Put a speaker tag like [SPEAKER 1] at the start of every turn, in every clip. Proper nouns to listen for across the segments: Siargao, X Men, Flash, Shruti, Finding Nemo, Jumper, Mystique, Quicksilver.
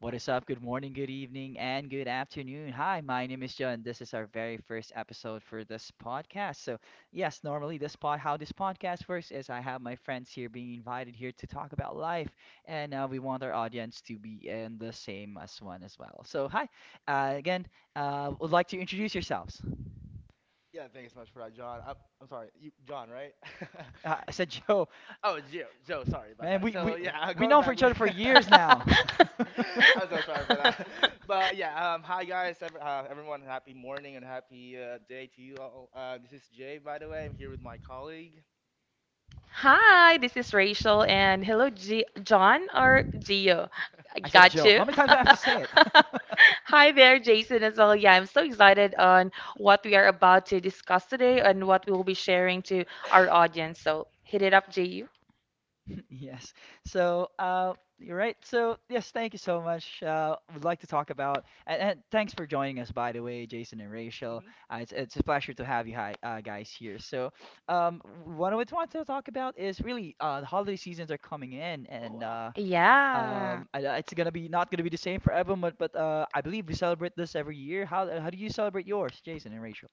[SPEAKER 1] What is up? Good morning, good evening, and good afternoon. Hi, my name is John. This is our very first episode for this podcast. So, yes, normally this pod how this podcast works is I have my friends here being invited here to talk about life, and we want our audience to be in the same as one as well. So, hi, again, would like to introduce yourselves.
[SPEAKER 2] Yeah, thanks so much for that, John. I'm sorry, you, John, right?
[SPEAKER 1] I said Joe.
[SPEAKER 2] Oh, Joe, Joe, sorry about
[SPEAKER 1] Man,
[SPEAKER 2] that.
[SPEAKER 1] we
[SPEAKER 2] So
[SPEAKER 1] we
[SPEAKER 2] yeah,
[SPEAKER 1] we
[SPEAKER 2] going
[SPEAKER 1] known for
[SPEAKER 2] back.
[SPEAKER 1] each other for years now.
[SPEAKER 2] I'm so sorry for that. But yeah, hi guys, ev everyone. Happy morning and happy day to you all. This is Jay, by the way. I'm here with my colleague,
[SPEAKER 3] Hi, this is Rachel, and hello, John or Gio. I
[SPEAKER 1] I said
[SPEAKER 3] got
[SPEAKER 2] Joe.
[SPEAKER 1] Joe.
[SPEAKER 3] you.
[SPEAKER 1] How many times do I have to say it?
[SPEAKER 3] Hi there, Jason, as well. Yeah, I'm so excited on what we are about to discuss today and what we will be sharing to our audience. So hit it up, Gio.
[SPEAKER 1] Yes. So, you're right. So, yes, thank you so much. Would like to talk about and thanks for joining us, by the way, Jason and Rachel.
[SPEAKER 2] Mhm.
[SPEAKER 1] It's a pleasure to have you, hi, guys here. So, what I would want to talk about is really the holiday seasons are coming in,
[SPEAKER 2] Oh,
[SPEAKER 1] and
[SPEAKER 2] wow.
[SPEAKER 3] Yeah.
[SPEAKER 1] it's gonna be not gonna be the same for everyone, but I believe we celebrate this every year. How do you celebrate yours, Jason and Rachel?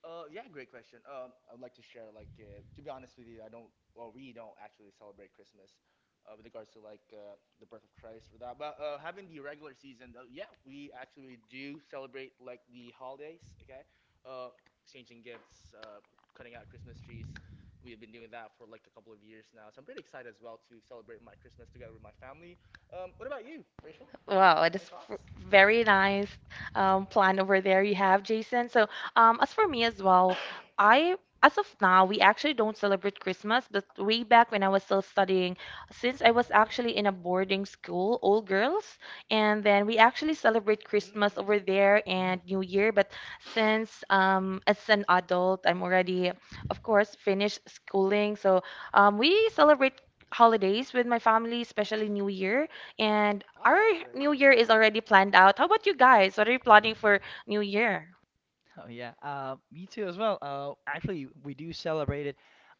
[SPEAKER 2] Yeah, great question. I would like to share, like, to be honest with you, I don't, well, we don't actually celebrate Christmas, with regards to like the birth of Christ or that. But having the regular season, yeah, we actually do celebrate like the holidays. Okay, uh, exchanging gifts, cutting out Christmas trees. We have been doing that for like a couple of years now, so I'm pretty excited as well to celebrate my Christmas together with my family. What about you, Rachel?
[SPEAKER 3] Wow, it is
[SPEAKER 2] Any thoughts?
[SPEAKER 3] very nice plan over there you have, Jason. So, as for me as well, I as of now we actually don't celebrate Christmas, but way back when I was still studying, since I was actually in a boarding school, all girls, and then we actually celebrate Christmas
[SPEAKER 2] Mm.
[SPEAKER 3] over there
[SPEAKER 1] Mm-hmm.
[SPEAKER 3] and New Year. But since as an adult, I'm already, of course, finished schooling, so we celebrate holidays with my family, especially New Year. And
[SPEAKER 2] Ah,
[SPEAKER 3] our
[SPEAKER 2] that's great.
[SPEAKER 3] new year is already planned out. How about you guys? What are you planning for new year?
[SPEAKER 1] Oh yeah, me too as well. Actually, we do celebrate it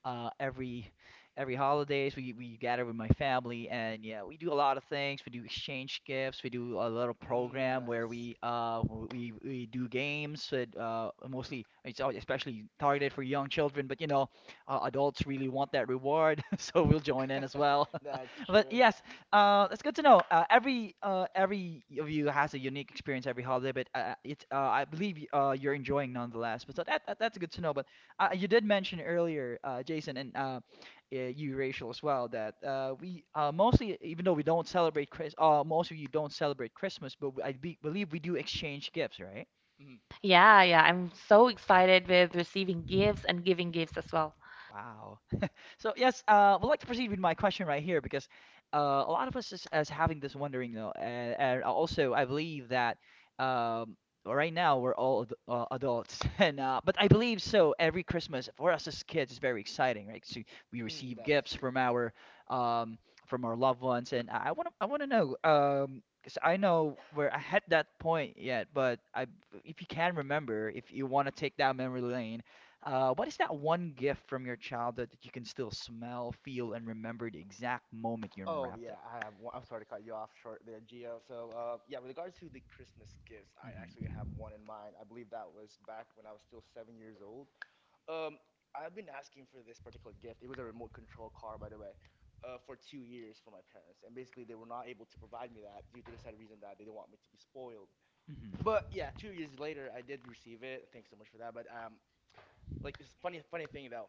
[SPEAKER 1] uh, every every holidays. We gather with my family, and yeah, we do a lot of things. We do exchange gifts. We do a little
[SPEAKER 2] Mm,
[SPEAKER 1] program where
[SPEAKER 2] nice.
[SPEAKER 1] we do games that mostly especially targeted for young children, but you know, adults really want that reward, so we'll join in as well.
[SPEAKER 2] That's
[SPEAKER 1] But
[SPEAKER 2] true.
[SPEAKER 1] yes, that's good to know. Every of you has a unique experience every holiday, but it's I believe you're enjoying nonetheless. But so that's good to know. But you did mention earlier, Jason and you, Rachel, as well, that we mostly, even though we don't celebrate most of you don't celebrate Christmas, but believe we do exchange gifts, right?
[SPEAKER 2] Mm,
[SPEAKER 3] Yeah, yeah, I'm so excited with receiving gifts and giving gifts as well.
[SPEAKER 1] Wow. So yes, would like to proceed with my question right here because uh, a lot of us is having this wondering, though, and also I believe that um, right now we're all ad adults, and but I believe so. Every Christmas for us as kids is very exciting, right? So we
[SPEAKER 2] mm,
[SPEAKER 1] receive
[SPEAKER 2] that is
[SPEAKER 1] gifts
[SPEAKER 2] true.
[SPEAKER 1] um, from our loved ones, and I want to know, 'cause I know we're at that point yet, but I, if you can remember, if you want to take that memory lane, what is that one gift from your childhood that you can still smell, feel, and remember the exact moment you
[SPEAKER 2] Oh
[SPEAKER 1] unwrapped
[SPEAKER 2] yeah,
[SPEAKER 1] it?
[SPEAKER 2] I have one. I'm sorry to cut you off short there, Gio. So yeah, with regards to the Christmas gifts, I actually have
[SPEAKER 1] Hmm.
[SPEAKER 2] one in mind. I believe that was back when I was still 7 years old. Um, I've been asking for this particular gift. It was a remote control car, by the way, for 2 years for my parents, and basically they were not able to provide me that due to the sad reason that they didn't want me to be spoiled. But
[SPEAKER 1] Hmm.
[SPEAKER 2] yeah, 2 years later, I did receive it. Thanks so much for that. But like this funny thing that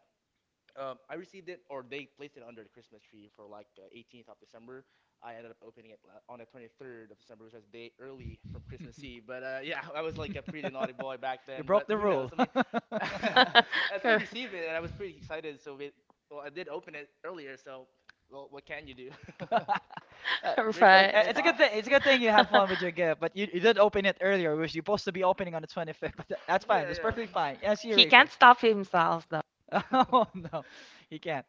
[SPEAKER 2] I received it, or they placed it under the Christmas tree for like the 18th of December. I ended up opening it on the 23rd of December, which was a day early from Christmas Eve. But yeah, I was like a pretty naughty boy back
[SPEAKER 1] You
[SPEAKER 2] then.
[SPEAKER 1] broke
[SPEAKER 2] But
[SPEAKER 1] the
[SPEAKER 2] who
[SPEAKER 1] rule.
[SPEAKER 2] knows? I mean, I still received it, and I was pretty excited. So well, I did open it earlier. So, well, what can you do?
[SPEAKER 1] Uh, but
[SPEAKER 2] Rachel,
[SPEAKER 3] Right.
[SPEAKER 1] uh,
[SPEAKER 2] any
[SPEAKER 1] it's a good
[SPEAKER 2] thoughts?
[SPEAKER 1] thing. It's a good thing you have fun with your gift. But you did open it earlier, which you're supposed to be opening on the 25th. That's fine. That's
[SPEAKER 2] yeah,
[SPEAKER 1] perfectly fine. Yeah, I see you,
[SPEAKER 3] He can't
[SPEAKER 1] Rachel.
[SPEAKER 3] stop himself though.
[SPEAKER 2] yeah.
[SPEAKER 1] Oh no, you can't.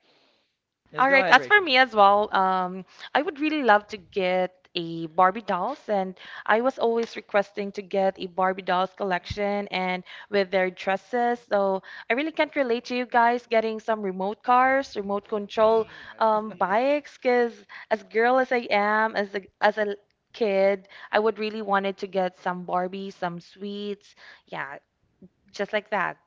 [SPEAKER 1] Yes,
[SPEAKER 3] All
[SPEAKER 1] go
[SPEAKER 3] right,
[SPEAKER 1] ahead,
[SPEAKER 3] as for
[SPEAKER 1] Rachel.
[SPEAKER 3] me as well, I would really love to get a Barbie dolls, and I was always requesting to get a Barbie dolls collection and with their dresses. So I really can't relate to you guys getting some remote cars, remote control
[SPEAKER 2] Mm, I see.
[SPEAKER 3] bikes, because as girl as I am, as a kid, I would really wanted to get some Barbie, some sweets, yeah, just like that.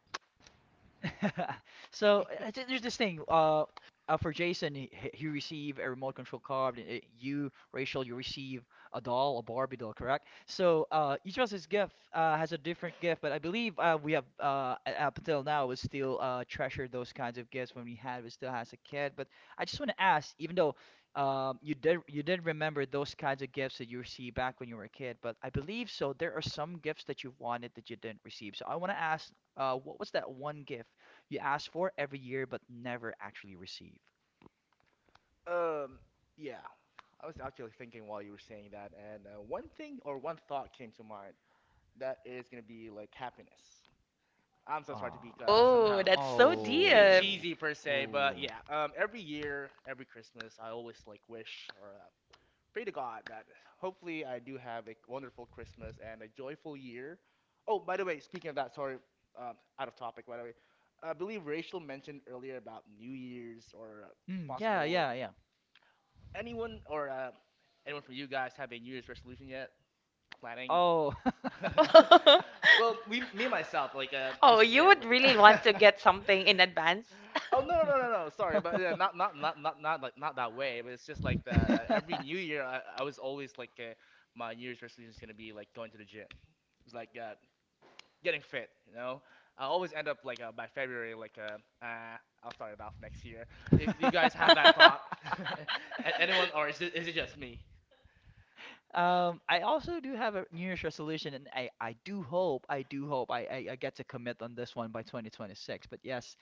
[SPEAKER 1] So there's this thing. For Jason, he receive a remote control car. And, you, Rachel, you receive a doll, a Barbie doll, correct? So each of us gift has a different gift, but I believe we have up until now we still treasure those kinds of gifts when we still as a kid. But I just want to ask, even though you did remember those kinds of gifts that you received back when you were a kid, but I believe so. There are some gifts that you wanted that you didn't receive. So I want to ask, what was that one gift you ask for every year but never actually receive?
[SPEAKER 2] Um, yeah, I was actually thinking while you were saying that, and one thing or one thought came to mind that is gonna be like happiness. I'm so sorry to
[SPEAKER 1] Ah.
[SPEAKER 2] be somehow
[SPEAKER 3] Oh, that's so deep.
[SPEAKER 2] say
[SPEAKER 1] Oh,
[SPEAKER 2] cheesy per
[SPEAKER 1] oh,
[SPEAKER 2] se, but yeah, every year, every Christmas, I always like wish or pray to God that hopefully I do have a wonderful Christmas and a joyful year. Oh, by the way, speaking of that, sorry, um, out of topic, by the way, I believe Rachel mentioned earlier about New Year's or
[SPEAKER 1] mm, yeah,
[SPEAKER 2] possible like
[SPEAKER 1] yeah, yeah.
[SPEAKER 2] anyone or uh, anyone from you guys have a New Year's resolution yet? Planning?
[SPEAKER 1] Oh.
[SPEAKER 2] Well, me and myself, like,
[SPEAKER 3] Oh,
[SPEAKER 2] just to
[SPEAKER 3] you
[SPEAKER 2] share,
[SPEAKER 3] would
[SPEAKER 2] like.
[SPEAKER 3] really want to get something in advance.
[SPEAKER 2] Oh no! Sorry, but yeah, not like not that way. But it's just like the every New Year, I was always like, my New Year's resolution is gonna be like going to the gym. It's like getting fit. You know, I always end up like by February, like I'll start it off next year. Do you guys have that thought? Anyone, or is it just me?
[SPEAKER 1] I also do have a New Year's resolution, and I do hope, I do hope I get to commit on this one by 2026. But yes,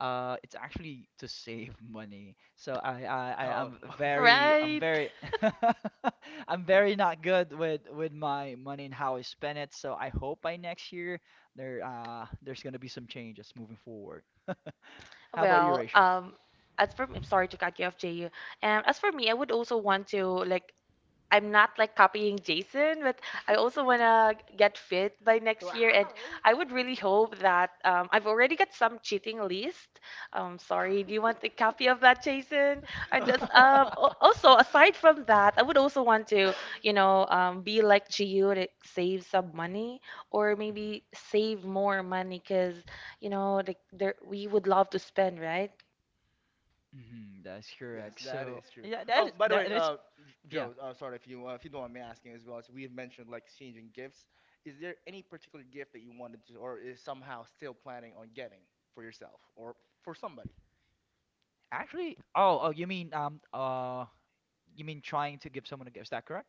[SPEAKER 1] it's actually to save money. So
[SPEAKER 2] Um,
[SPEAKER 1] I'm
[SPEAKER 3] Right.
[SPEAKER 1] very, I'm very not good with my money and how I spend it. So I hope by next year there, there's gonna be some changes moving forward. How about you,
[SPEAKER 3] Well,
[SPEAKER 1] Rachel?
[SPEAKER 3] as for I'm sorry to cut you off, JU. And as for me, I would also want to like I'm not like copying Jason, but I also want to get fit by next year. And
[SPEAKER 2] wow.
[SPEAKER 3] I would really hope that I've already got some cheating list. Sorry, do you want a copy of that, Jason? And just, also, aside from that, I would also want to, you know, be like Gio to save some money or
[SPEAKER 1] Mhm.
[SPEAKER 3] maybe save more money because, you know, like there, we would love to spend, right?
[SPEAKER 1] Mhm. That's
[SPEAKER 2] Yes,
[SPEAKER 1] correct.
[SPEAKER 2] that
[SPEAKER 1] So
[SPEAKER 2] is true.
[SPEAKER 1] yeah,
[SPEAKER 2] Oh, by the way,
[SPEAKER 1] that is yeah.
[SPEAKER 2] Joe, sorry if you don't mind me asking as well. So we have mentioned like exchanging gifts. Is there any particular gift that you wanted to, or is somehow still planning on getting for yourself or for somebody?
[SPEAKER 1] Actually, oh, oh, you mean trying to give someone a gift? Is that correct?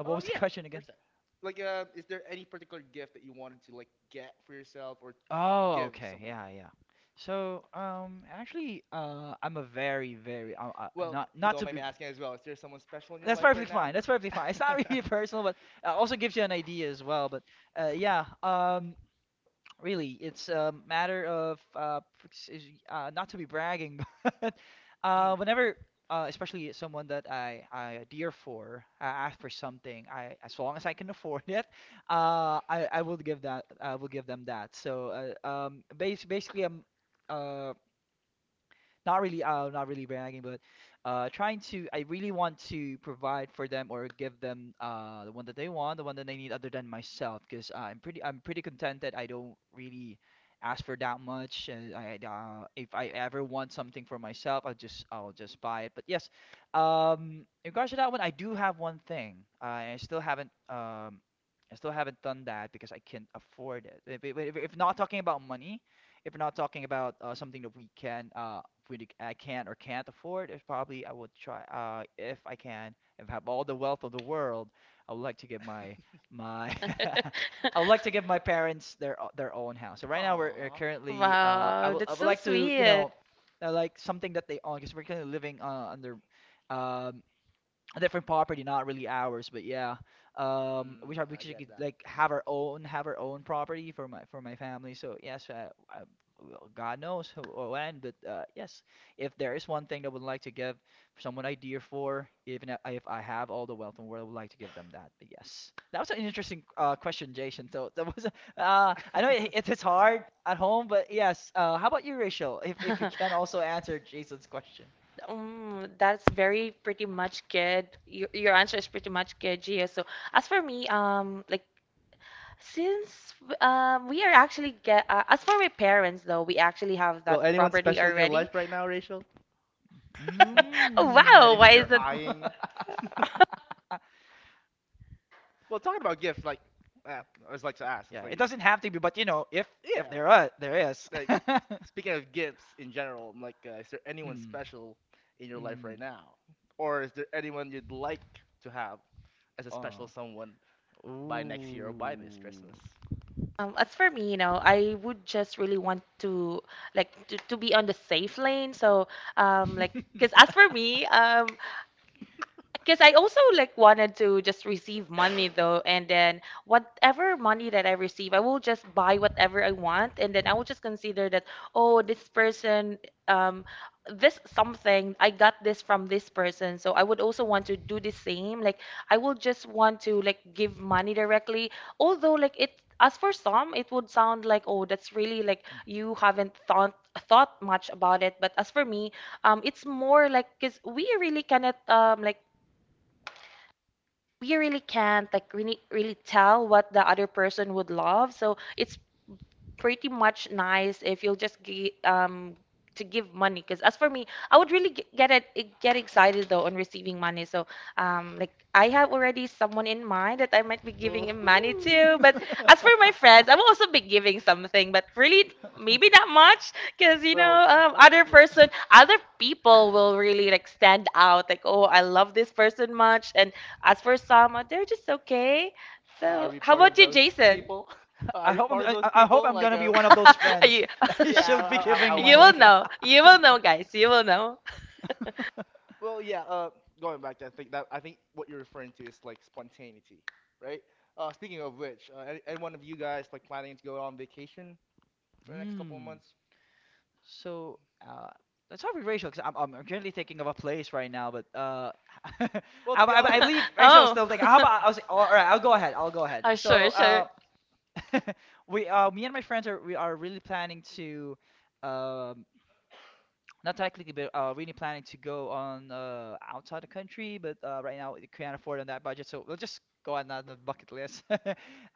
[SPEAKER 1] What
[SPEAKER 2] Oh
[SPEAKER 1] was the
[SPEAKER 2] yeah,
[SPEAKER 1] question again?
[SPEAKER 2] percent. Like, is there any particular gift that you wanted to like get for yourself or
[SPEAKER 1] Oh,
[SPEAKER 2] give
[SPEAKER 1] okay,
[SPEAKER 2] someone?
[SPEAKER 1] yeah, yeah. So, actually, I'm a very,
[SPEAKER 2] Well,
[SPEAKER 1] not,
[SPEAKER 2] if you
[SPEAKER 1] not
[SPEAKER 2] don't
[SPEAKER 1] to
[SPEAKER 2] mind
[SPEAKER 1] be.
[SPEAKER 2] me asking as well, is there someone special in your
[SPEAKER 1] That's
[SPEAKER 2] life
[SPEAKER 1] perfectly
[SPEAKER 2] right now?
[SPEAKER 1] fine. That's perfectly fine. It's not really personal, but also gives you an idea as well. But uh, yeah, um, really, it's a matter of not to be bragging, but
[SPEAKER 2] Mhm.
[SPEAKER 1] uh, whenever, especially someone that I adhere for, I ask for something, I, as long as I can afford it, I will give that I will give them that. So bas basically, uh, not really not really bragging, but trying to, I really want to provide for them or give them the one that they want, the one that they need other than myself, because I'm pretty, I'm pretty contented. I don't really ask for that much, and I if I ever want something for myself, I'll just buy it. But yes, in regards to that one, I do have one thing. I still haven't, I still haven't done that because I can't afford it. If, if not talking about money, if we're not talking about something that we can we I can or can't afford, it's probably I would try, if I can, if I have all the wealth of the world, I would like to give my my I would like to give my parents their own house. So right now we're
[SPEAKER 2] Aw.
[SPEAKER 1] currently I
[SPEAKER 3] Wow,
[SPEAKER 1] would, I
[SPEAKER 3] that's
[SPEAKER 1] would
[SPEAKER 3] so
[SPEAKER 1] like to, you
[SPEAKER 3] sweet.
[SPEAKER 1] know, like something that they own, because we're currently living under um a different property, not really ours, but yeah. We
[SPEAKER 2] Mm,
[SPEAKER 1] should,
[SPEAKER 2] I get
[SPEAKER 1] get,
[SPEAKER 2] that.
[SPEAKER 1] like have our own, have our own property for my family. So yes, I, well, God knows or when, but yes, if there is one thing that I would like to give someone idea for, even if I have all the wealth in the world, I would like to give them that. But yes, that was an interesting question, Jason. So that was I know it's hard at home, but yes. How about you, Rachel? If you can also answer Jason's question.
[SPEAKER 3] Mm, that's very pretty much good. Your answer is pretty much good, Gio. So as for me, like since we are actually get as for my parents though, we actually have
[SPEAKER 2] Well,
[SPEAKER 3] that
[SPEAKER 2] anyone
[SPEAKER 3] property
[SPEAKER 2] special in your
[SPEAKER 3] already.
[SPEAKER 2] life right now, Rachel?
[SPEAKER 3] Oh, wow,
[SPEAKER 1] Mm.
[SPEAKER 3] why
[SPEAKER 2] Anyone
[SPEAKER 3] is
[SPEAKER 2] you're
[SPEAKER 3] that?
[SPEAKER 2] eyeing? Well, talking about gifts, like, uh, I was like to ask. It's
[SPEAKER 1] Yeah, it
[SPEAKER 2] like,
[SPEAKER 1] doesn't have to be, but you know, if
[SPEAKER 2] yeah,
[SPEAKER 1] there are, there is.
[SPEAKER 2] like speaking of gifts in general, I'm like, is there anyone
[SPEAKER 1] Mm.
[SPEAKER 2] special in your life right
[SPEAKER 1] Mm.
[SPEAKER 2] now, or is there anyone you'd like to have as a special
[SPEAKER 1] Uh.
[SPEAKER 2] someone by next year or by this
[SPEAKER 1] Ooh.
[SPEAKER 2] Christmas?
[SPEAKER 3] As for me, you know, I would just really want to like to be on the safe lane. So, like, because as for me, because I also like wanted to just receive money though, and then whatever money that I receive, I will just buy whatever I want, and then I will just consider that, oh, this person, um, this something, I got this from this person, so I would also want to do the same. Like I will just want to like give money directly, although like it. As for some, it would sound like, oh, that's really like you haven't thought much about it. But as for me, it's more like because we really cannot like we really can't like really tell what the other person would love, so it's pretty much nice if you'll just to give money because as for me I would really get it get excited though on receiving money. So like I have already someone in mind that I might be giving him money
[SPEAKER 2] Ooh.
[SPEAKER 3] to, but as for my friends, I will also be giving something, but really
[SPEAKER 1] Mhm.
[SPEAKER 3] maybe not much because you know
[SPEAKER 2] Well, w-
[SPEAKER 3] other people will really like stand out like oh I love this person much, and as for some they're just okay.
[SPEAKER 2] are
[SPEAKER 3] So
[SPEAKER 2] we
[SPEAKER 3] how
[SPEAKER 2] part
[SPEAKER 3] about
[SPEAKER 2] of
[SPEAKER 3] you,
[SPEAKER 2] those
[SPEAKER 3] Jason?
[SPEAKER 2] people? Are
[SPEAKER 1] I
[SPEAKER 2] we
[SPEAKER 1] hope
[SPEAKER 2] part of those
[SPEAKER 1] I hope
[SPEAKER 2] people?
[SPEAKER 1] I'm
[SPEAKER 2] Like,
[SPEAKER 1] gonna be one of those friends
[SPEAKER 3] you,
[SPEAKER 1] that you
[SPEAKER 2] yeah,
[SPEAKER 1] should be
[SPEAKER 2] I
[SPEAKER 1] giving
[SPEAKER 2] would
[SPEAKER 3] you will
[SPEAKER 2] hope
[SPEAKER 1] money.
[SPEAKER 2] to.
[SPEAKER 3] know. You
[SPEAKER 2] st-
[SPEAKER 3] will know, guys. You will know.
[SPEAKER 2] Well, yeah. Going back, I think what you're referring to is like spontaneity, right? Speaking of which, any one of you guys like planning to go on vacation for the next couple of
[SPEAKER 1] Hmm.
[SPEAKER 2] months?
[SPEAKER 1] So, uh, let's talk with Rachel, because I'm currently thinking of a place right now, but I,
[SPEAKER 2] Well, to be
[SPEAKER 1] I
[SPEAKER 2] honest,
[SPEAKER 1] believe Rachel's
[SPEAKER 3] Oh.
[SPEAKER 1] still thinking. How about I'll say, oh, all right, I'll go ahead.
[SPEAKER 3] Oh,
[SPEAKER 1] So,
[SPEAKER 3] sure, sure.
[SPEAKER 1] we, me and my friends are we are really planning to, um, not technically, but really planning to go on outside the country. But right now, we can't afford on that budget, so we'll just go on that the bucket list.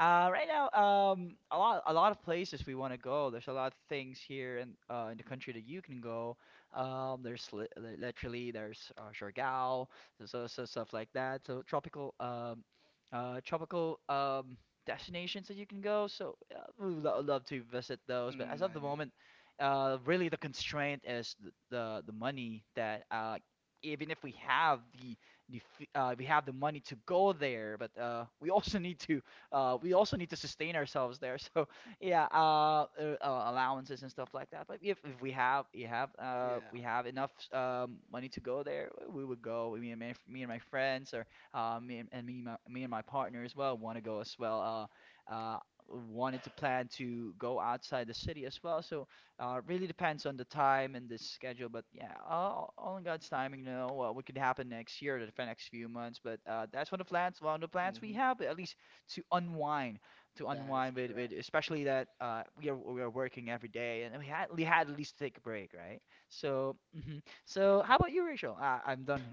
[SPEAKER 1] right now, a lot of places we want to go. There's a lot of things here in the country that you can go. Literally there's Siargao, there's also stuff like that. So tropical, tropical. Destinations that you can go, so we would lo love to visit those. But
[SPEAKER 2] mm,
[SPEAKER 1] as of the
[SPEAKER 2] 90.
[SPEAKER 1] moment, really, the constraint is the money that even if we have the we have the money to go there, but we also need to sustain ourselves there. So yeah, allowances and stuff like that. But if we have, you have
[SPEAKER 2] Yeah.
[SPEAKER 1] we have enough money to go there, we would go. Me and my friends, or me and my partner as well, want to go as well. Uh, uh, wanted to plan to go outside the city as well. So really depends on the time and the schedule, but yeah, all in God's timing, what could happen next year or the next few months. But that's one of the plans, we
[SPEAKER 2] hmm
[SPEAKER 1] have, at least to unwind,
[SPEAKER 2] That is
[SPEAKER 1] with
[SPEAKER 2] correct.
[SPEAKER 1] especially that we are working every day, and we had at least to take a break, right? So, mhm. So how about you, Rachel? I'm done.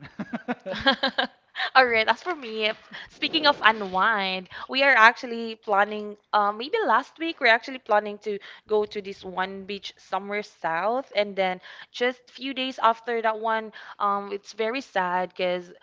[SPEAKER 3] All right, as for me, speaking of unwind, we are actually planning, maybe last week, we're actually planning to go to this one beach somewhere south. And then just few days after that one, it's very sad because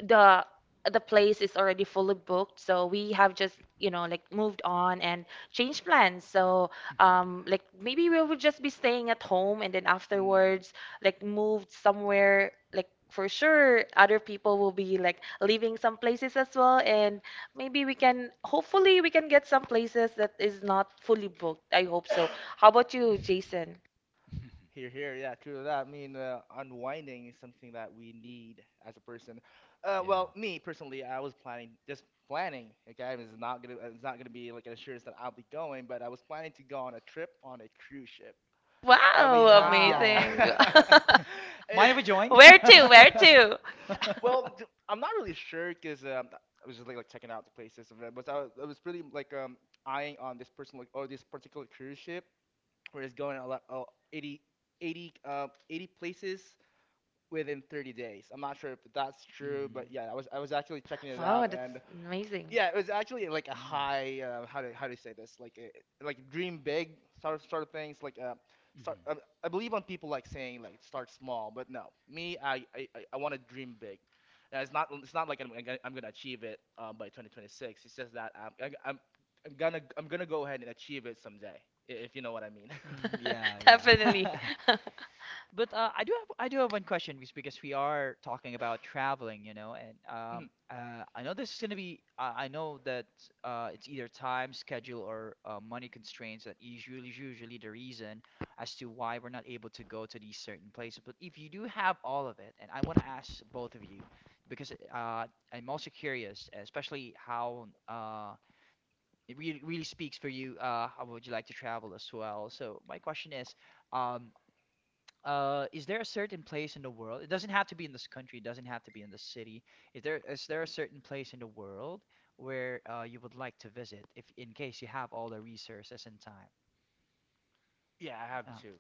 [SPEAKER 3] the the place is already fully booked, so we have just, you know, like moved on and changed plans. So like maybe we would just be staying at home, and then
[SPEAKER 2] Mm.
[SPEAKER 3] afterwards like moved somewhere. Like for sure other people will be like leaving some places as well, and maybe we can hopefully we can get some places that is not fully booked. I hope so. How about you, Jason?
[SPEAKER 2] Here, here, yeah, true to that. I mean, unwinding is something that we need as a person.
[SPEAKER 1] Yeah.
[SPEAKER 2] Well, me personally, I was planning. Okay, it's not gonna be like an assurance that I'll be going, but I was planning to go on a trip on a cruise ship. I mean,
[SPEAKER 3] Wow,
[SPEAKER 2] yeah,
[SPEAKER 1] Wow.
[SPEAKER 3] amazing.
[SPEAKER 1] That, mind
[SPEAKER 2] it's.
[SPEAKER 1] if we join?
[SPEAKER 3] Where to?
[SPEAKER 2] Well, I'm not really sure because I was just like checking out the places and that, but I was pretty like eyeing on this person like or this particular cruise ship we're just going a lot, oh, eighty, 80 places within 30 days. I'm not sure if that's true, but
[SPEAKER 1] Mhm.
[SPEAKER 2] yeah, I was actually checking it
[SPEAKER 3] Wow,
[SPEAKER 2] out,
[SPEAKER 3] that's
[SPEAKER 2] and
[SPEAKER 3] amazing.
[SPEAKER 2] yeah, it was actually like a
[SPEAKER 1] Mm,
[SPEAKER 2] high how do you say this like a, like dream big sort of things like start I,
[SPEAKER 1] mhm.
[SPEAKER 2] I believe on people like saying like start small, but no, me I want to dream big. And it's not like I'm gonna achieve it by 2026. It's just that I'm gonna go ahead and achieve it someday, if you know what I mean.
[SPEAKER 1] Mm, yeah, yeah.
[SPEAKER 3] Definitely.
[SPEAKER 1] But I do have one question, because we are talking about traveling, and I know this is gonna be I know that it's either time, schedule, or money constraints that usually the reason as to why we're not able to go to these certain places. But if you do have all of it, and I want to ask both of you because I'm also curious, especially how it really speaks for you. How would you like to travel as well? So my question is, um is there a certain place in the world? It doesn't have to be in this country, it doesn't have to be in this city. Is there is there a certain place in the world where you would like to visit if in case you have all the resources and time?
[SPEAKER 2] Yeah, I have
[SPEAKER 1] uh,
[SPEAKER 2] two.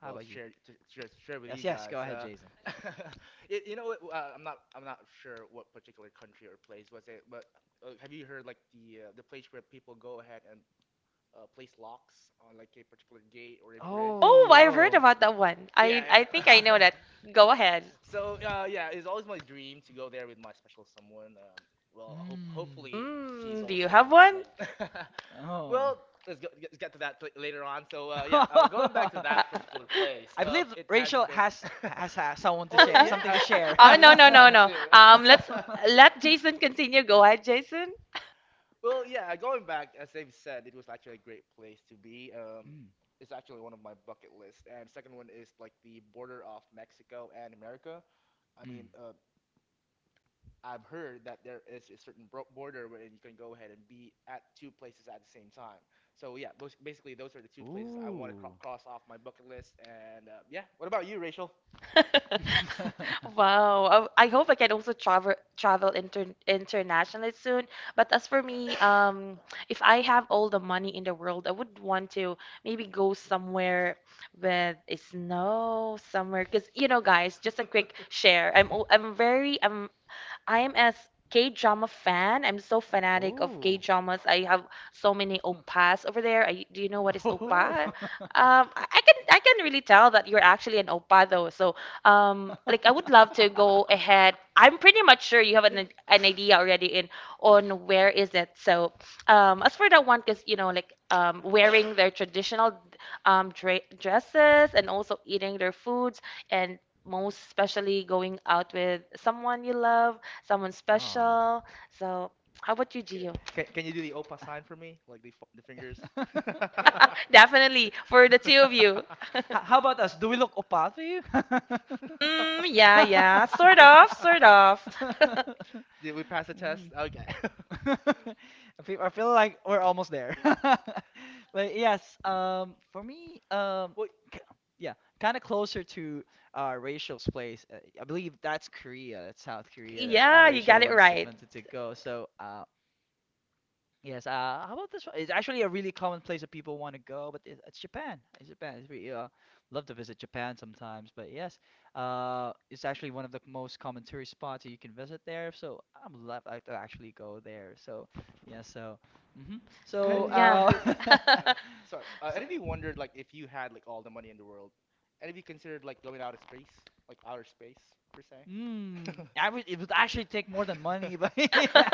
[SPEAKER 1] how
[SPEAKER 2] Well,
[SPEAKER 1] about you?
[SPEAKER 2] to share with
[SPEAKER 1] Yes,
[SPEAKER 2] you
[SPEAKER 1] yes, go
[SPEAKER 2] guys.
[SPEAKER 1] ahead, Jason.
[SPEAKER 2] You know what? I'm not sure what particular country or place was it, but have you heard like the place where people go ahead and place locks on like a particular gate or a bridge?
[SPEAKER 3] Oh, I've heard
[SPEAKER 1] Oh. Oh.
[SPEAKER 3] about that one.
[SPEAKER 2] Yeah,
[SPEAKER 3] I
[SPEAKER 2] yeah.
[SPEAKER 3] think
[SPEAKER 1] I,
[SPEAKER 3] I know that. Go ahead.
[SPEAKER 2] So, yeah, it's always my dream to go there with my special someone. Well, I hope
[SPEAKER 1] mm.
[SPEAKER 2] hopefully she's
[SPEAKER 3] Mm, do you
[SPEAKER 2] also gonna
[SPEAKER 3] have
[SPEAKER 2] be
[SPEAKER 3] one?
[SPEAKER 2] like,
[SPEAKER 1] Oh.
[SPEAKER 2] Well, let's get to that later on. So yeah, going back to that particular place,
[SPEAKER 1] I believe
[SPEAKER 2] it has
[SPEAKER 1] Rachel has
[SPEAKER 2] been.
[SPEAKER 1] has, has someone to
[SPEAKER 2] Well,
[SPEAKER 1] share,
[SPEAKER 2] yeah,
[SPEAKER 1] something to share.
[SPEAKER 2] I
[SPEAKER 3] Oh,
[SPEAKER 2] believe
[SPEAKER 3] no, no, no,
[SPEAKER 2] so
[SPEAKER 1] Mm.
[SPEAKER 3] no.
[SPEAKER 2] too.
[SPEAKER 3] Let's let Jason continue. Go ahead, Jason.
[SPEAKER 2] Well, yeah, going back, as they've said, it was actually a great place to be. It's actually one of my bucket lists, and second one is like the border of Mexico and America. I
[SPEAKER 1] Mm.
[SPEAKER 2] mean, I've heard that there is a certain border where you can go ahead and be at two places at the same time. So yeah, basically those are the two places I want to
[SPEAKER 1] Ooh.
[SPEAKER 2] cross off my bucket list. And yeah, what about you, Rachel?
[SPEAKER 3] Wow. I hope I can also travel internationally soon. But as for me, if I have all the money in the world, I would want to maybe go somewhere with a snow somewhere. Because you know, guys, just a quick share. I'm I am as K drama fan. I'm so fanatic of K
[SPEAKER 1] Ooh.
[SPEAKER 3] dramas. I have so many oppas over there. I, do you know what is
[SPEAKER 1] Ooh.
[SPEAKER 3] oppa? I can really tell that you're actually an oppa though. So like I would love to go ahead. I'm pretty much sure you have an idea already in on where is it. So as for that one, because you know like wearing their traditional dra dresses and also eating their foods and most especially going out with someone you love, someone
[SPEAKER 1] Ah.
[SPEAKER 3] special. So, how about you,
[SPEAKER 2] Can,
[SPEAKER 3] Gio?
[SPEAKER 2] can you do the opa sign for me, like the the fingers?
[SPEAKER 1] H-
[SPEAKER 3] Definitely for the two of you.
[SPEAKER 1] How about us? Do we look opa to you?
[SPEAKER 3] Mm, yeah, yeah, sort of, sort of.
[SPEAKER 2] Did we pass the
[SPEAKER 1] Mm.
[SPEAKER 2] test? Okay.
[SPEAKER 1] I feel like we're almost there. But yes, for me,
[SPEAKER 2] Well,
[SPEAKER 1] k- yeah, kind of closer to Rachel's place. I believe that's Korea. That's South Korea that
[SPEAKER 3] Yeah, you
[SPEAKER 1] Rachel
[SPEAKER 3] got it
[SPEAKER 1] wants to,
[SPEAKER 3] right.
[SPEAKER 1] wanted to go. So. Yes. How about this one? It's actually a really common place that people want to go, but it's Japan. It's Japan. It's really, love to visit Japan sometimes. But yes, it's actually one of the most common tourist spots that you can visit there. So I'm left I to actually go there. So yeah. So hmm
[SPEAKER 2] Any
[SPEAKER 1] so
[SPEAKER 2] of
[SPEAKER 3] Mm,
[SPEAKER 2] you
[SPEAKER 3] yeah.
[SPEAKER 2] wondered? Uh, sorry.
[SPEAKER 1] so.
[SPEAKER 2] Any of you wondered like if you had like all the money in the world? Any of you considered like going out of space, like outer space per se?
[SPEAKER 1] Mm, I would, it would actually take more than money, but yeah.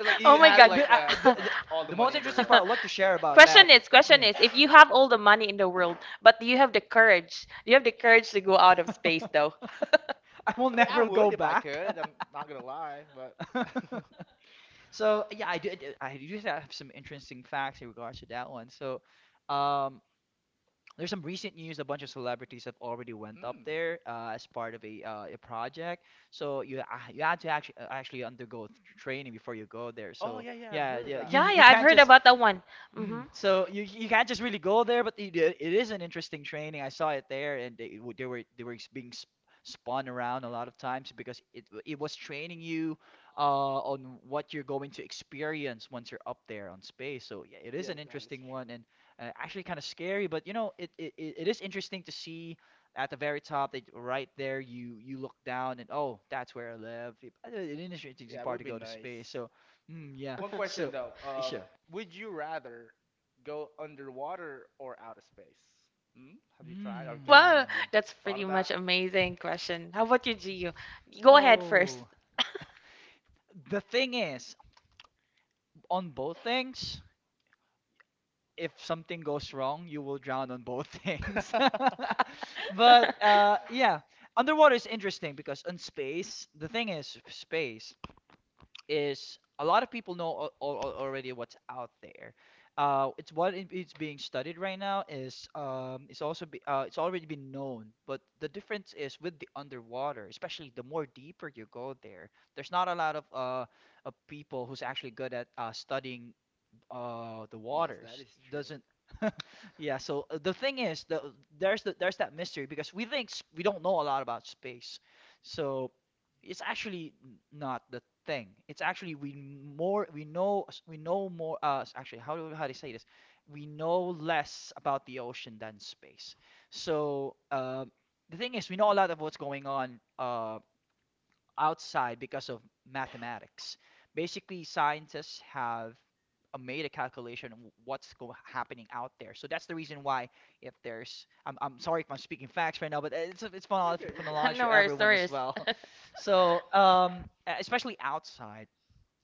[SPEAKER 2] Like
[SPEAKER 3] Oh
[SPEAKER 2] you
[SPEAKER 3] my
[SPEAKER 2] had
[SPEAKER 1] Okay,
[SPEAKER 3] God.
[SPEAKER 1] But uh, the, the
[SPEAKER 2] like all the
[SPEAKER 1] the most
[SPEAKER 2] money in the
[SPEAKER 1] interesting part
[SPEAKER 2] world.
[SPEAKER 1] I'd like to share about that.
[SPEAKER 3] Question
[SPEAKER 1] Yeah.
[SPEAKER 3] is, if you have all the money in the world, but do you have the courage? Do you have the courage to go out of space, though?
[SPEAKER 1] I will
[SPEAKER 2] I mean, I
[SPEAKER 1] never go
[SPEAKER 2] would if I
[SPEAKER 1] back.
[SPEAKER 2] could. I'm not gonna lie, but.
[SPEAKER 1] So yeah, I do have some interesting facts in regards to that one. So, um, there's some recent news. A bunch of celebrities have already went up
[SPEAKER 2] mm.
[SPEAKER 1] there as part of a project. So you had to actually undergo training before you go there.
[SPEAKER 2] Oh
[SPEAKER 1] So
[SPEAKER 2] yeah, yeah. I've
[SPEAKER 1] yeah,
[SPEAKER 2] heard of
[SPEAKER 1] yeah,
[SPEAKER 2] that.
[SPEAKER 1] you
[SPEAKER 3] Yeah,
[SPEAKER 1] you
[SPEAKER 3] yeah, I've
[SPEAKER 1] can't
[SPEAKER 3] heard
[SPEAKER 1] just.
[SPEAKER 3] about that one. Mm-hmm.
[SPEAKER 1] Mm. So you can't just really go there, but it is an interesting training. I saw it there, and they were being sp spun around a lot of times because it was training you on what you're going to experience once you're up there on space. So yeah, it is an
[SPEAKER 2] Yes, that is
[SPEAKER 1] interesting
[SPEAKER 2] true.
[SPEAKER 1] one, and actually kind of scary, but it is interesting to see at the very top. They right there, you look down and oh, that's where I live. An interesting
[SPEAKER 2] Yeah, it
[SPEAKER 1] part
[SPEAKER 2] would
[SPEAKER 1] to
[SPEAKER 2] be
[SPEAKER 1] go to
[SPEAKER 2] nice.
[SPEAKER 1] space. So mm, yeah,
[SPEAKER 2] One question
[SPEAKER 1] so.
[SPEAKER 2] though,
[SPEAKER 1] Sure.
[SPEAKER 2] would you rather go underwater or out of space? Hmm? Have you tried? Have
[SPEAKER 1] Hmm.
[SPEAKER 2] like
[SPEAKER 3] Wow, that's
[SPEAKER 2] thought
[SPEAKER 3] pretty
[SPEAKER 2] of that?
[SPEAKER 3] much amazing question. How about you, Gio? Go ahead first.
[SPEAKER 1] Oh. The thing is, on both things, if something goes wrong, you will drown on both things. But yeah, underwater is interesting because on space, the thing is, space, is a lot of people know al al already what's out there. It's being studied right now is it's already been known, but the difference is with the underwater, especially the more deeper you go there, there's not a lot of people who's actually good at studying the
[SPEAKER 2] Yes, that
[SPEAKER 1] waters.
[SPEAKER 2] is true.
[SPEAKER 1] Doesn't yeah. So the thing is, there's there's that mystery because we think we don't know a lot about space, so. It's actually not the thing. It's actually we more we know more. Actually, how do you say this? We know less about the ocean than space. So the thing is, we know a lot of what's going on. Outside because of mathematics. Basically, scientists have made a calculation of what's go happening out there. So that's the reason why if there's I'm sorry if I'm speaking facts right now, but it's
[SPEAKER 2] You're
[SPEAKER 1] fun
[SPEAKER 2] good.
[SPEAKER 1] for
[SPEAKER 2] You're good.
[SPEAKER 1] knowledge
[SPEAKER 3] No
[SPEAKER 1] for
[SPEAKER 3] worries, no
[SPEAKER 1] everyone as
[SPEAKER 3] worries.
[SPEAKER 1] well. So especially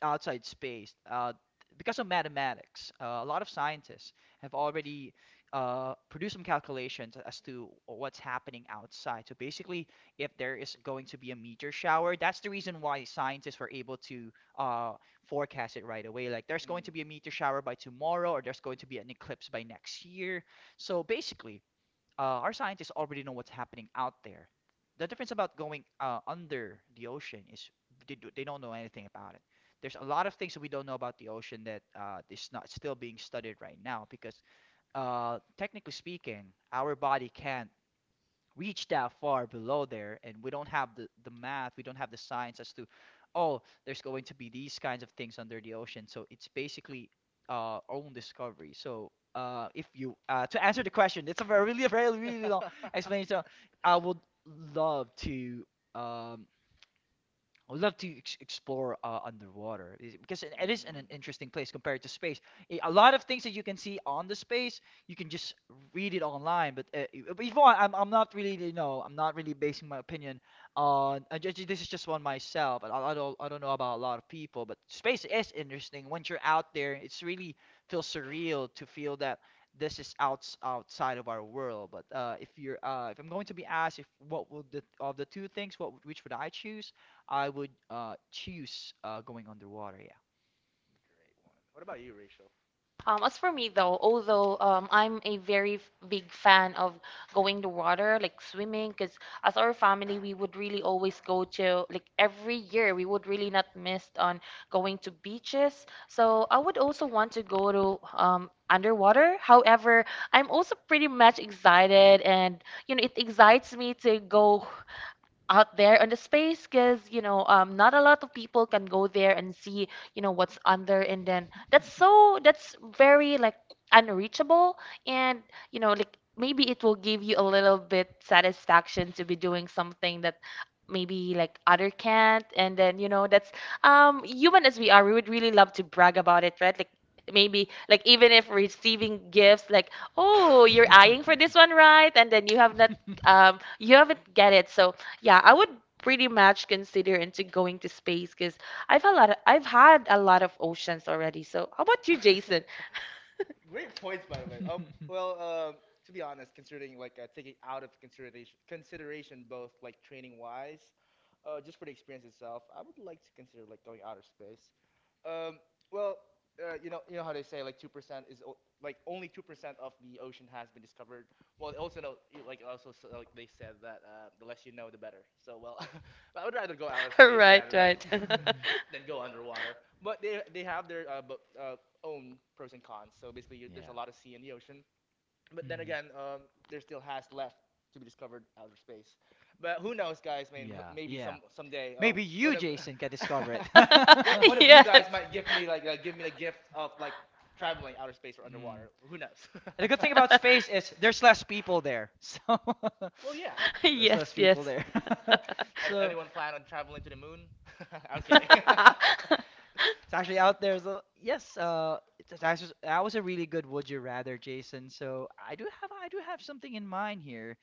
[SPEAKER 1] outside space because of mathematics, a lot of scientists have already produced some calculations as to what's happening outside. So basically, if there is going to be a meteor shower, that's the reason why scientists were able to uh, forecast it right away, like there's going to
[SPEAKER 2] Mm.
[SPEAKER 1] be a meteor shower by tomorrow, or there's going to be an eclipse by next year. So basically, our scientists already know what's happening out there. The difference about going under the ocean is they don't know anything about it. There's a lot of things that we don't know about the ocean that is not still being studied right now because technically speaking, our body can't reach that far below there, and we don't have the math, we don't have the science as to, oh, there's going to be these kinds of things under the ocean. So it's basically our own discovery. So if you to answer the question, it's a very really very really long explanation. I would love to um, I would love to ex explore. Underwater because it is
[SPEAKER 2] Mm.
[SPEAKER 1] an interesting place compared to space. A lot of things that you can see on the space, you can just read it online. But Yvonne, I'm not really, I'm not really basing my opinion on. This is just one myself. And I don't know about a lot of people, but space is interesting. Once you're out there, it's really feels surreal to feel that this is outside of our world. But if I'm going to be asked if what will the of the two things, which would I choose? I would choose going underwater, yeah.
[SPEAKER 2] Great one. What about you, Rachel?
[SPEAKER 3] As for me though, although I'm a very big fan of going to water, like swimming, because as our family, we would really always go to like every year, we would really not miss on going to beaches. So I would also want to go to underwater. However, I'm also pretty much excited, and you know, it excites me to go out there on the space because you know not a lot of people can go there and see, you know, what's under, and then that's, so that's very like unreachable. And you know like maybe it will give you a little bit satisfaction to be doing something that maybe like other can't, and then you know that's human as we are, we would really love to brag about it, right? Like maybe like even if receiving gifts like oh you're eyeing for this one, right? And then you have not you haven't get it. So yeah, I would pretty much consider into going to space because I've had a lot of oceans already. So how about you, Jason?
[SPEAKER 2] Great points, by the way. Well, to be honest, considering like taking out of consideration both like training wise, just for the experience itself, I would like to consider like going outer space. Um, well, you know how they say like 2% like only 2% of the ocean has been discovered. Well, they also know, like also like they said that the less you know, the better. So well, I would rather go outer space
[SPEAKER 3] Right,
[SPEAKER 2] than
[SPEAKER 3] right.
[SPEAKER 2] than go underwater. But they have their own pros and cons. So basically, you, there's
[SPEAKER 1] Yeah.
[SPEAKER 2] a lot of sea in the ocean. But then
[SPEAKER 1] Mhm.
[SPEAKER 2] again, there still has left to be discovered outer space. But who knows, guys? I mean,
[SPEAKER 1] Yeah,
[SPEAKER 2] maybe
[SPEAKER 1] yeah.
[SPEAKER 2] someday
[SPEAKER 1] Maybe
[SPEAKER 2] one
[SPEAKER 1] you,
[SPEAKER 2] of
[SPEAKER 1] Jason, can discover it.
[SPEAKER 2] one, one of you
[SPEAKER 3] Yes.
[SPEAKER 2] guys might give me like give me the gift of like traveling outer space or
[SPEAKER 1] Mm.
[SPEAKER 2] underwater. Who knows?
[SPEAKER 1] And the good thing about space is there's less people there. So
[SPEAKER 2] Well, yeah.
[SPEAKER 1] there's less
[SPEAKER 3] Yes,
[SPEAKER 1] people
[SPEAKER 3] yes.
[SPEAKER 1] there. so.
[SPEAKER 2] Anyone plan on traveling to the moon? I'm kidding.
[SPEAKER 1] It's actually out there. So yes, that was a really good would you rather, Jason. So I do have something in mind here.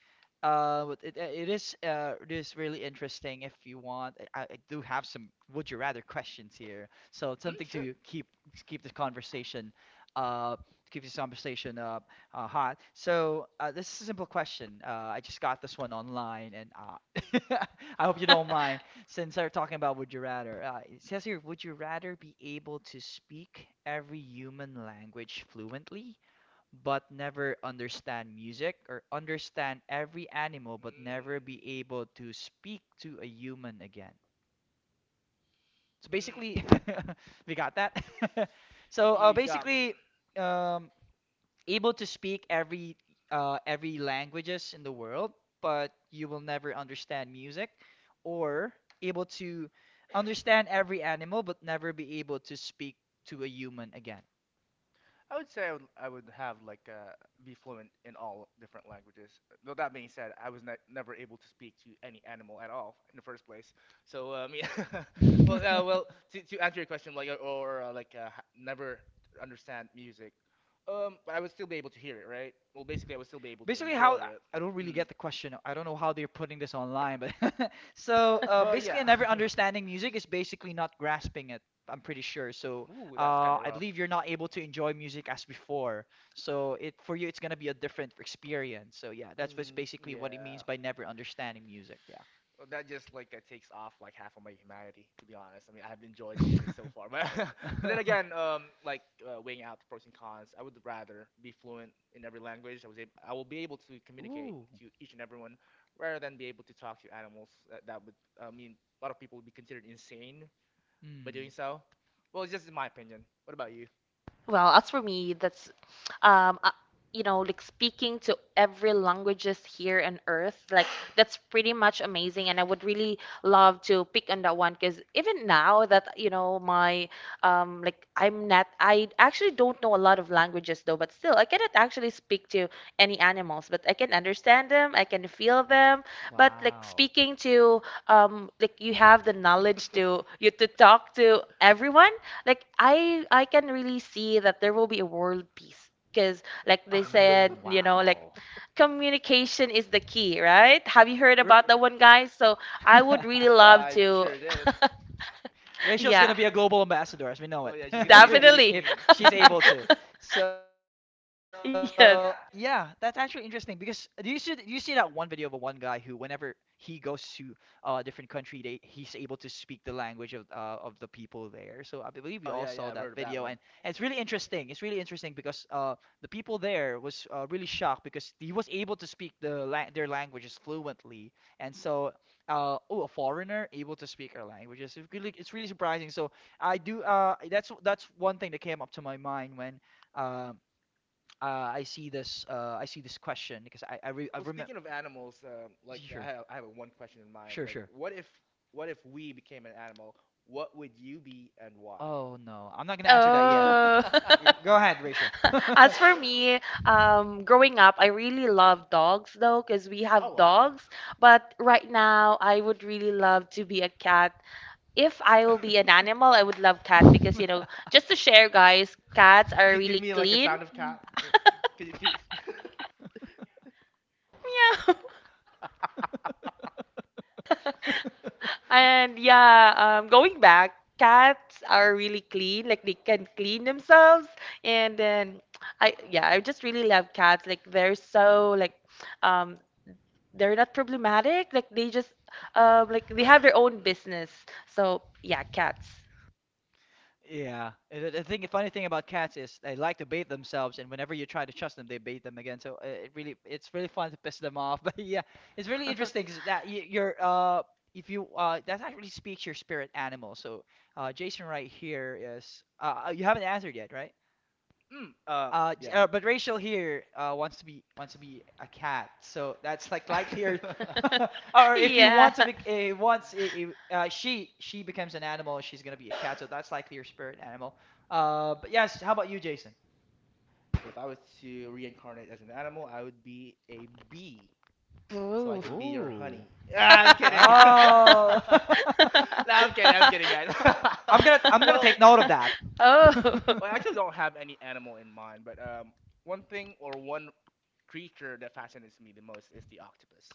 [SPEAKER 1] But it is really interesting if you want. I do have some would you rather questions here. So it's something
[SPEAKER 2] sure.
[SPEAKER 1] to keep the conversation uh keep this conversation hot. So this is a simple question. I just got this one online, and I hope you don't mind. Since they're talking about would you rather, it says here, would you rather be able to speak every human language fluently, but never understand music, or understand every animal, but never be able to speak to a human again? So
[SPEAKER 2] Mm.
[SPEAKER 1] basically,
[SPEAKER 2] Mm.
[SPEAKER 1] we got that. So
[SPEAKER 2] You got me.
[SPEAKER 1] basically, um, able to speak every languages in the world, but you will never understand music, or able to understand every animal, but never be able to speak to a human again.
[SPEAKER 2] I would say I would have like be fluent in all different languages. Though that being said, I was never able to speak to any animal at all in the first place. So yeah, well, to answer your question, never understand music, but I would still be able to hear it, right? Well, basically, I would still be able to
[SPEAKER 1] Basically, how
[SPEAKER 2] enjoy
[SPEAKER 1] I
[SPEAKER 2] it.
[SPEAKER 1] don't really
[SPEAKER 2] Mm.
[SPEAKER 1] get the question. I don't know how they're putting this online, but so
[SPEAKER 2] But
[SPEAKER 1] basically,
[SPEAKER 2] yeah.
[SPEAKER 1] a never understanding music is basically not grasping it. I'm pretty sure. So
[SPEAKER 2] Ooh, that's kind of
[SPEAKER 1] I
[SPEAKER 2] rough.
[SPEAKER 1] believe you're not able to enjoy music as before. So it for you, it's gonna be a different experience. So yeah, that's what's
[SPEAKER 2] Mm,
[SPEAKER 1] basically what it
[SPEAKER 2] yeah.
[SPEAKER 1] means by never understanding music.
[SPEAKER 2] Well, that just like takes off like half of my humanity, to be honest. I mean, I've enjoyed music
[SPEAKER 1] Yeah.
[SPEAKER 2] so far, but but then again, weighing out the pros and cons, I would rather be fluent in every language. I will be able to communicate
[SPEAKER 1] Ooh,
[SPEAKER 2] to each and everyone, rather than be able to talk to animals. I mean, a lot of people would be considered insane by doing so. Well, it's just my opinion. What about you?
[SPEAKER 3] Well, as for me, that's, um, uh, you know, like speaking to every languages here on earth, like that's pretty much amazing. And I would really love to pick on that one because even now that, you know, my, like I'm not, I actually don't know a lot of languages though, but still, I cannot actually speak to any animals, but I can understand them, I can feel them. But like
[SPEAKER 1] wow.
[SPEAKER 3] speaking to, like you have the knowledge to, you to talk to everyone, like I can really see that there will be a world peace because like they said,
[SPEAKER 1] Mm,
[SPEAKER 3] you know, like
[SPEAKER 1] wow.
[SPEAKER 3] communication is the key, right? Have you heard
[SPEAKER 1] Ra-
[SPEAKER 3] about that one, guys? So I would really
[SPEAKER 2] Well,
[SPEAKER 3] love to,
[SPEAKER 2] sure did.
[SPEAKER 1] Rachel's
[SPEAKER 3] yeah,
[SPEAKER 1] gonna be a global ambassador, as we know
[SPEAKER 2] Oh yeah, she's gonna be a
[SPEAKER 1] it,
[SPEAKER 2] beauty
[SPEAKER 3] definitely.
[SPEAKER 1] if
[SPEAKER 2] queen.
[SPEAKER 1] she's able to. So
[SPEAKER 3] Yes.
[SPEAKER 1] yeah, that's actually interesting because do you see that one video of a one guy who, whenever he goes to a different country, they he's able to speak the language of, of the people there. So I believe we all
[SPEAKER 2] Oh yeah,
[SPEAKER 1] saw
[SPEAKER 2] yeah,
[SPEAKER 1] that
[SPEAKER 2] I've heard of
[SPEAKER 1] video,
[SPEAKER 2] that
[SPEAKER 1] and,
[SPEAKER 2] one.
[SPEAKER 1] and it's really interesting. It's really interesting because the people there was really shocked because he was able to speak their languages fluently, and so oh a foreigner able to speak our language, it's really surprising. So I do that's one thing that came up to my mind when um I see this I see this question because I
[SPEAKER 2] Well,
[SPEAKER 1] remember.
[SPEAKER 2] speaking of animals,
[SPEAKER 1] Sure.
[SPEAKER 2] I have one question in mind.
[SPEAKER 1] Sure,
[SPEAKER 2] Like,
[SPEAKER 1] sure.
[SPEAKER 2] what if we became an animal? What would you be and why?
[SPEAKER 1] Oh no, I'm not gonna answer that yet.
[SPEAKER 3] Oh.
[SPEAKER 1] Go ahead, Rachel.
[SPEAKER 3] As for me, growing up, I really love dogs though, because we
[SPEAKER 2] Oh
[SPEAKER 3] have
[SPEAKER 2] wow.
[SPEAKER 3] dogs. But right now, I would really love to be a cat. If I will be an animal, I would love cat because you know, just to share, guys, cats are
[SPEAKER 2] Give
[SPEAKER 3] really
[SPEAKER 2] me like a
[SPEAKER 3] clean.
[SPEAKER 2] sound of cat. Can you, can you-
[SPEAKER 3] Meow. And yeah, going back, cats are really clean. Like they can clean themselves, and then I yeah, I just really love cats. Like they're so like, um, they're not problematic. Like they just like they have their own business. So yeah, cats.
[SPEAKER 1] Yeah. And the funny thing about cats is they like to bait themselves, and whenever you try to trust them, they bait them again. So it really, it's really fun to piss them off. But yeah, it's really interesting 'cause that you, you're, if you, that actually speaks your spirit animal. So Jason right here is, you haven't answered yet, right?
[SPEAKER 2] Mm, uh, yeah.
[SPEAKER 1] But Rachel here, wants to be a cat, so that's like likelier. Or if he
[SPEAKER 3] Yeah.
[SPEAKER 1] wants to be, she becomes an animal, she's gonna be a cat, so that's likely your spirit animal. But yes, how about you, Jason?
[SPEAKER 2] If I was to reincarnate as an animal, I would be a bee, so I
[SPEAKER 3] Ooh.
[SPEAKER 2] can be your
[SPEAKER 1] Ooh.
[SPEAKER 2] honey. Ah, I'm kidding.
[SPEAKER 1] Oh.
[SPEAKER 2] No, I'm kidding. I'm kidding, guys.
[SPEAKER 1] I'm gonna
[SPEAKER 2] Well,
[SPEAKER 1] take note of that.
[SPEAKER 3] Oh.
[SPEAKER 2] well, I actually don't have any animal in mind, but one thing or one creature that fascinates me the most is the octopus.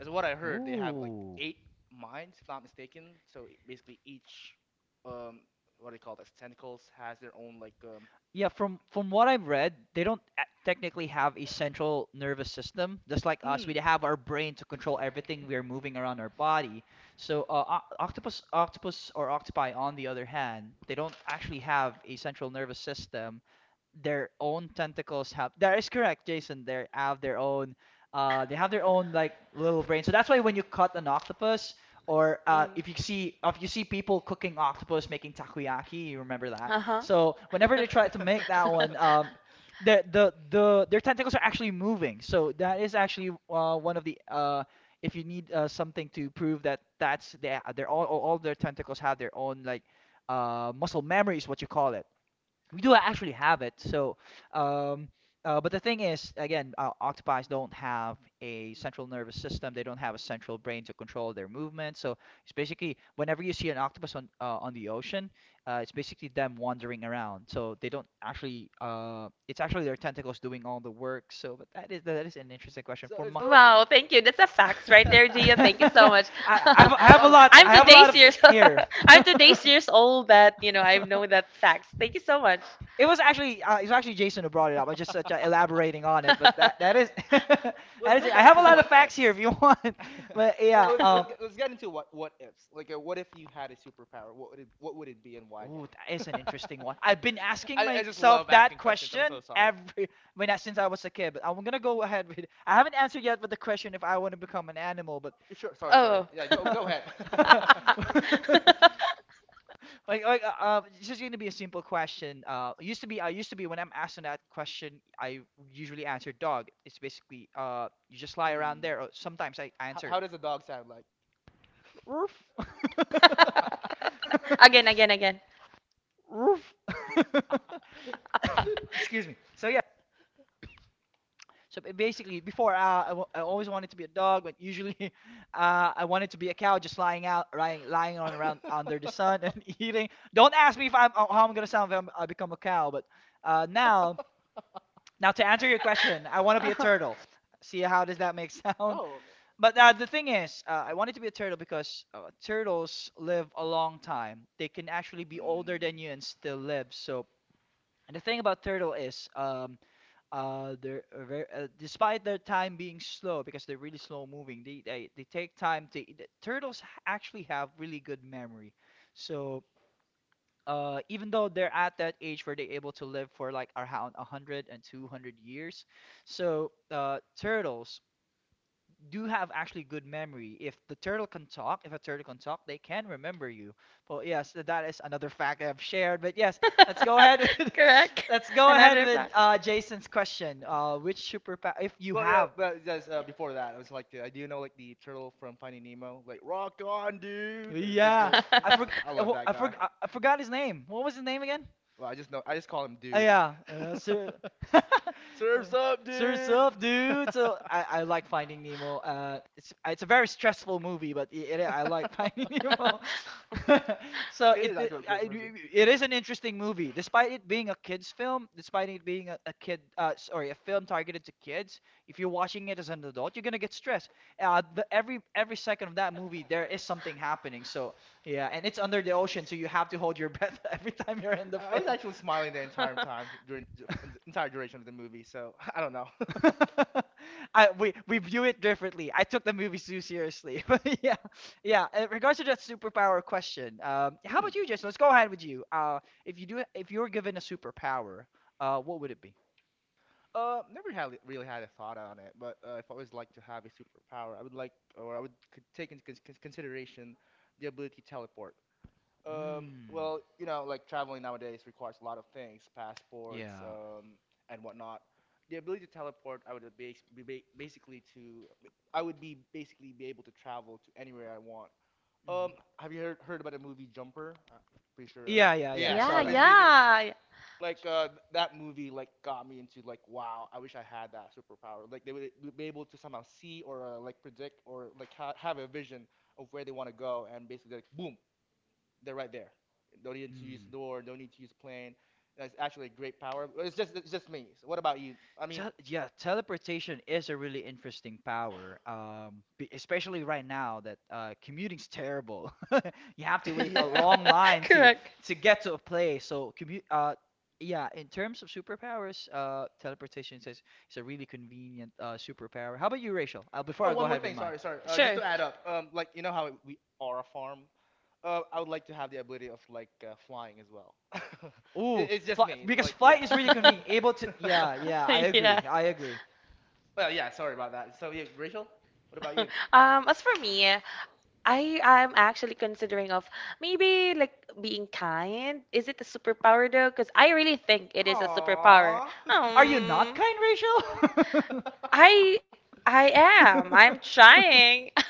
[SPEAKER 2] As what I heard, they have like
[SPEAKER 1] Ooh.
[SPEAKER 2] eight minds, if not mistaken. So basically, each um, what do you call this? Tentacles has their own like.
[SPEAKER 1] Yeah, from what I've read, they don't technically have a central nervous system. Just like us, we
[SPEAKER 2] Mm.
[SPEAKER 1] have our brain to control everything we are moving around our body. So, octopus, octopus or octopi, on the other hand, they don't actually have a central nervous system. Their own tentacles have. That is correct, Jason. They have their own. They have their own like little brain. So that's why when you cut an octopus, or
[SPEAKER 3] Mm.
[SPEAKER 1] if you see people cooking octopus, making takoyaki, you remember that.
[SPEAKER 3] Uh-huh.
[SPEAKER 1] So whenever they try to make that one, the their tentacles are actually moving. So that is actually one of the if you need something to prove that that's they they're all their tentacles have their own like muscle memory is what you call it. We do actually have it. So, um, but the thing is, again, octopi don't have a central nervous system. They don't have a central brain to control their movement. So it's basically whenever you see an octopus on the ocean, it's basically them wandering around. So they don't actually. It's actually their tentacles doing all the work. So, but that is an interesting question
[SPEAKER 2] So
[SPEAKER 1] for
[SPEAKER 2] it's
[SPEAKER 1] my.
[SPEAKER 2] go.
[SPEAKER 3] Wow, thank you. That's a fact right there, Gia. Thank you so
[SPEAKER 1] I,
[SPEAKER 3] much.
[SPEAKER 1] I have I
[SPEAKER 2] A
[SPEAKER 1] have a
[SPEAKER 2] lot of
[SPEAKER 1] lot
[SPEAKER 3] I'm
[SPEAKER 2] fun
[SPEAKER 1] I have a
[SPEAKER 2] facts
[SPEAKER 1] lot
[SPEAKER 3] today's
[SPEAKER 1] of
[SPEAKER 2] right here.
[SPEAKER 3] years.
[SPEAKER 1] hair.
[SPEAKER 3] I'm today's years old that, I know that facts. Thank you so much.
[SPEAKER 1] It was actually Jason who brought it up. I just such elaborating on it, but that is
[SPEAKER 2] Let's
[SPEAKER 1] that is
[SPEAKER 2] go
[SPEAKER 1] it. I
[SPEAKER 2] back
[SPEAKER 1] have a
[SPEAKER 2] to
[SPEAKER 1] lot of
[SPEAKER 2] what
[SPEAKER 1] facts here
[SPEAKER 2] ifs.
[SPEAKER 1] if you want. But yeah.
[SPEAKER 2] Let's get into what ifs. Like, what if you had a superpower? What would it be, and why
[SPEAKER 1] Ooh, that is
[SPEAKER 2] again?
[SPEAKER 1] an interesting one. I've been asking
[SPEAKER 2] I just
[SPEAKER 1] myself
[SPEAKER 2] love
[SPEAKER 1] that
[SPEAKER 2] asking questions. I'm so
[SPEAKER 1] question
[SPEAKER 2] sorry.
[SPEAKER 1] every since I was a kid. But I'm gonna go ahead with. I haven't answered yet with the question if I want to become an animal,
[SPEAKER 2] Sure, sorry.
[SPEAKER 3] Oh.
[SPEAKER 2] Yeah,
[SPEAKER 1] but
[SPEAKER 2] go ahead.
[SPEAKER 1] like, this is going to be a simple question. It used to be, I used to be when I'm asked on that question, I usually answer dog. It's basically, you just lie around
[SPEAKER 2] Hmm.
[SPEAKER 1] there. Or sometimes I answer
[SPEAKER 2] How does a dog sound like?
[SPEAKER 1] roof,
[SPEAKER 3] Again, again, again.
[SPEAKER 1] roof. Excuse me. So yeah. So basically, before I always wanted to be a dog, but usually I wanted to be a cow, just lying out, lying on around under the sun and eating. Don't ask me if I'm how I'm gonna sound if I'm, I become a cow, but now, now to answer your question, I want to be a turtle. See how does that make sound?
[SPEAKER 2] Oh.
[SPEAKER 1] But the thing is, I wanted to be a turtle because turtles live a long time. They can actually be older
[SPEAKER 2] Mm.
[SPEAKER 1] than you and still live. So, and the thing about turtle is, they're very, despite their time being slow because they're really slow moving. They take time to. The turtles actually have really good memory, so even though they're at that age where they're able to live for like around 100 and 200 years, so turtles do have actually good memory. If the turtle can talk, if a turtle can talk, they can remember you. Well, yes, that is another fact I've shared. But yes, let's go ahead with
[SPEAKER 3] Correct.
[SPEAKER 1] let's go ahead
[SPEAKER 3] Another
[SPEAKER 1] with
[SPEAKER 3] fact.
[SPEAKER 1] Jason's question. Which superpower, if you
[SPEAKER 2] Well, yeah,
[SPEAKER 1] have?
[SPEAKER 2] but just before that, I was like, do you know like the turtle from Finding Nemo? Like, rock on, dude! Fist
[SPEAKER 1] Yeah,
[SPEAKER 2] bump.
[SPEAKER 1] I
[SPEAKER 2] Yeah,
[SPEAKER 1] forgot.
[SPEAKER 2] I love that guy.
[SPEAKER 1] I forgot his name. What was his name again?
[SPEAKER 2] Well, I just call him dude.
[SPEAKER 1] Yeah, sir.
[SPEAKER 2] Surfs up,
[SPEAKER 1] Surf's
[SPEAKER 2] dude!
[SPEAKER 1] up, dude. So I like Finding Nemo. It's a very stressful movie, but I like Finding Nemo. So
[SPEAKER 2] It is actually a great movie.
[SPEAKER 1] it is an interesting movie, despite it being a kids film, despite it being a kid sorry a film targeted to kids. If you're watching it as an adult, you're gonna get stressed. The, every second of that movie, there is something happening. So yeah, and it's under the ocean, so you have to hold your breath every time you're in the
[SPEAKER 2] I was
[SPEAKER 1] film.
[SPEAKER 2] actually smiling the entire time during the entire duration of the movie, so I don't know.
[SPEAKER 1] I we view it differently. I took the movies too seriously, but yeah, yeah. In regards to that superpower question, how
[SPEAKER 2] Mm.
[SPEAKER 1] about you, Jason? Let's go ahead with you. If you do, if you were given a superpower, what would it be?
[SPEAKER 2] Never had really had a thought on it, but if I was like to have a superpower, I would could take into consideration the ability to teleport.
[SPEAKER 1] Mm,
[SPEAKER 2] Well, you know, like traveling nowadays requires a lot of things, passports,
[SPEAKER 1] yeah.
[SPEAKER 2] and whatnot. The ability to teleport, I would be basically be able to travel to anywhere I want. Um,
[SPEAKER 1] Mm.
[SPEAKER 2] have you heard about the movie Jumper? Pretty sure.
[SPEAKER 1] Yeah, I
[SPEAKER 2] Yeah.
[SPEAKER 3] Yeah,
[SPEAKER 1] saw
[SPEAKER 2] So
[SPEAKER 1] that one.
[SPEAKER 2] basically,
[SPEAKER 3] yeah.
[SPEAKER 2] like that movie like got me into like wow I wish I had that superpower like they would be able to somehow see or like predict or like ha have a vision of where they want to go and basically like boom they're right there, don't need to use the
[SPEAKER 1] Hmm.
[SPEAKER 2] door, don't need to use a plane. That's actually a great power, but it's just me. So what about you? I mean,
[SPEAKER 1] Tel Yeah, teleportation is a really interesting power, especially right now that commuting's terrible. You have to wait a
[SPEAKER 2] yeah.
[SPEAKER 1] long line
[SPEAKER 3] Correct.
[SPEAKER 1] to get to a place. So commute, yeah, in terms of superpowers, teleportation is a really convenient superpower. How about you, Rachel? Before
[SPEAKER 2] Oh,
[SPEAKER 1] I go
[SPEAKER 2] one more
[SPEAKER 1] ahead with
[SPEAKER 2] thing.
[SPEAKER 1] mine.
[SPEAKER 2] Sorry. Just
[SPEAKER 3] Sure.
[SPEAKER 2] to add up, like you know how we are a farm. I would like to have the ability of like flying as well. It,
[SPEAKER 1] Ooh,
[SPEAKER 2] it's just
[SPEAKER 1] fly,
[SPEAKER 2] me.
[SPEAKER 1] because
[SPEAKER 2] Like, yeah.
[SPEAKER 1] flight is really convenient. Able to, yeah, yeah, I agree,
[SPEAKER 3] Yeah.
[SPEAKER 2] Well, yeah. Sorry about that. So, yeah, Rachel, what about you?
[SPEAKER 3] As for me, I am actually considering of maybe like being kind. Is it a superpower though? Because I really think it is a superpower.
[SPEAKER 2] Aww.
[SPEAKER 1] Are you not
[SPEAKER 3] Um,
[SPEAKER 1] kind, Rachel?
[SPEAKER 3] I I am. I'm trying.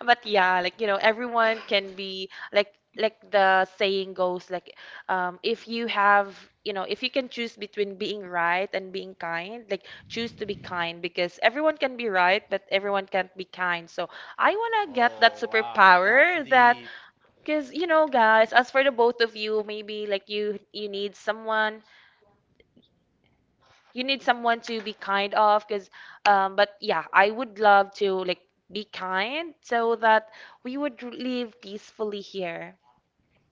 [SPEAKER 3] But yeah, like you know, everyone can be like the saying goes like if you have, you know, if you can choose between being right and being kind, like choose to be kind because everyone can be right, but everyone can't be kind. So I wanna get that
[SPEAKER 2] Oh wow, that's
[SPEAKER 3] superpower that
[SPEAKER 2] deep.
[SPEAKER 3] because you know guys, as for the both of you, maybe like you need someone to be kind of because but yeah, I would love to like be kind so that we would live peacefully here.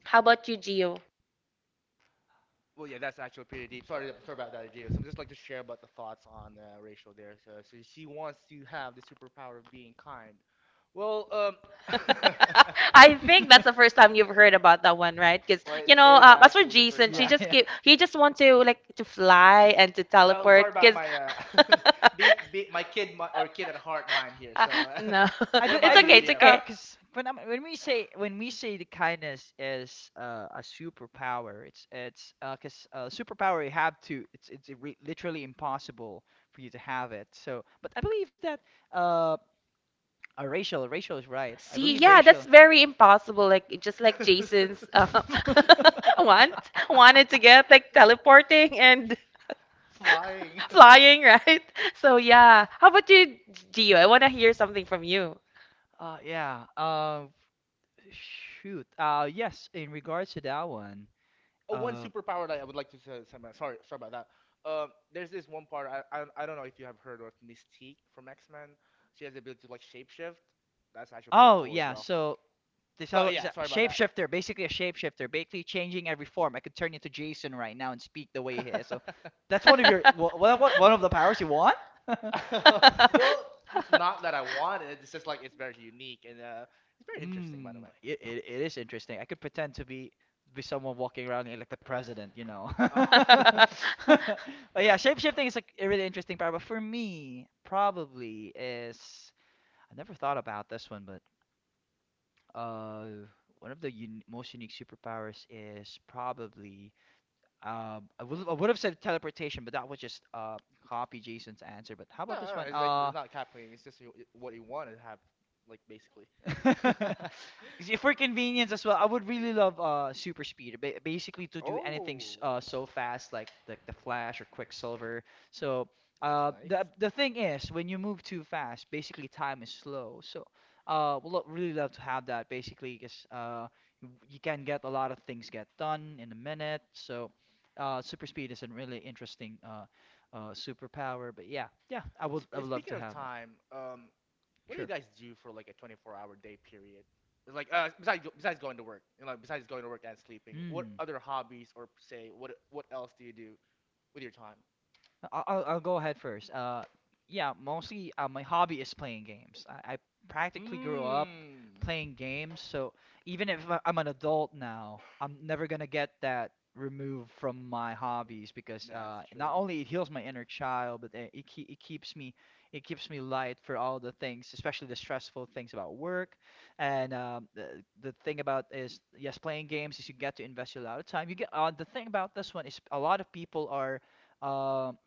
[SPEAKER 3] How about you, Gio?
[SPEAKER 2] Well, yeah, that's actually pretty deep. Sorry about that, Jay. So I'm just like to share about the thoughts on Rachel there. So, she wants to have the superpower of being kind. Well, um,
[SPEAKER 3] I think that's the first time you've heard about that one, right? Because
[SPEAKER 2] well, it
[SPEAKER 3] you know,
[SPEAKER 2] is
[SPEAKER 3] as for
[SPEAKER 2] actually the first
[SPEAKER 3] Jason, she
[SPEAKER 2] time.
[SPEAKER 3] just keep he just want to like to fly and to
[SPEAKER 2] Well,
[SPEAKER 3] teleport.
[SPEAKER 2] sorry about
[SPEAKER 3] Because
[SPEAKER 2] my be my kid mi- or kid at heart mind here.
[SPEAKER 3] uh,
[SPEAKER 2] So,
[SPEAKER 3] no,
[SPEAKER 2] what
[SPEAKER 3] it's
[SPEAKER 1] I
[SPEAKER 2] about you,
[SPEAKER 3] okay,
[SPEAKER 1] believe
[SPEAKER 3] it's
[SPEAKER 2] Jeff?
[SPEAKER 3] okay.
[SPEAKER 1] cause when we say the kindness is a superpower, it's cause superpower you have to it's literally impossible for you to have it. So, but I believe that uh, Rachel is right. I
[SPEAKER 3] See,
[SPEAKER 1] believe
[SPEAKER 3] yeah, that's
[SPEAKER 1] Rachel.
[SPEAKER 3] very impossible. Like just like Jason's want wanted to get like teleporting and
[SPEAKER 2] Flying.
[SPEAKER 3] flying, right? So yeah. How about you, Gio? I want to hear something from you.
[SPEAKER 1] Yeah. Shoot. Yes, in regards to that one.
[SPEAKER 2] Oh, one
[SPEAKER 1] Uh
[SPEAKER 2] superpower that I would like to Sorry, sorry about that. There's this one part I don't know if you have heard of Mystique from X Men. She has the ability to like shapeshift. That's actually pretty
[SPEAKER 1] oh
[SPEAKER 2] cool as
[SPEAKER 1] yeah.
[SPEAKER 2] well.
[SPEAKER 1] So this
[SPEAKER 2] But
[SPEAKER 1] other is
[SPEAKER 2] yeah,
[SPEAKER 1] a
[SPEAKER 2] sorry about that.
[SPEAKER 1] shapeshifter, basically changing every form. I could turn into Jason right now and speak the way he is. So that's one of your what
[SPEAKER 3] Not
[SPEAKER 1] what one of the powers you want?
[SPEAKER 2] Well, not that I want it. It's just like it's very unique and it's very interesting, by the
[SPEAKER 1] Mm,
[SPEAKER 2] way.
[SPEAKER 1] it is interesting. I could pretend to be someone walking around here like the president, you know.
[SPEAKER 2] Ah.
[SPEAKER 1] But yeah, shapeshifting is like a really interesting power. But for me, probably is I never thought about this one, but uh, one of the un most unique superpowers is probably I would have said teleportation, but that was just copy Jason's answer. But how
[SPEAKER 2] No,
[SPEAKER 1] about
[SPEAKER 2] no,
[SPEAKER 1] this
[SPEAKER 2] no,
[SPEAKER 1] one?
[SPEAKER 2] it's like it's not cap playing. It's just what you want to have, like basically.
[SPEAKER 1] See, for convenience as well, I would really love super speed, ba basically to do anything
[SPEAKER 2] Oh,
[SPEAKER 1] so fast like the Flash or Quicksilver. So
[SPEAKER 2] that's nice.
[SPEAKER 1] the thing is when you move too fast, basically time is slow. So would lo really love to have that basically because you can get a lot of things get done in a minute. So super speed is a really interesting superpower. But yeah, yeah, I
[SPEAKER 2] Sp
[SPEAKER 1] would love
[SPEAKER 2] Speaking
[SPEAKER 1] to
[SPEAKER 2] of
[SPEAKER 1] have that.
[SPEAKER 2] time, what do you
[SPEAKER 1] Sure.
[SPEAKER 2] guys do for like a 24-hour day period? It's like besides besides going to work, you know, besides going to work and sleeping, what
[SPEAKER 1] Hmm.
[SPEAKER 2] other hobbies or say what else do you do with your time?
[SPEAKER 1] I'll go ahead first. Yeah, mostly my hobby is playing games. I practically grew up
[SPEAKER 2] Mmm,
[SPEAKER 1] playing games, so even if I'm an adult now, I'm never gonna get that removed from my hobbies because
[SPEAKER 2] that's true.
[SPEAKER 1] not only it heals my inner child, but it keeps me light for all the things, especially the stressful things about work. And the thing about is yes, playing games is you get to invest a lot of time. You get the thing about this one is a lot of people are um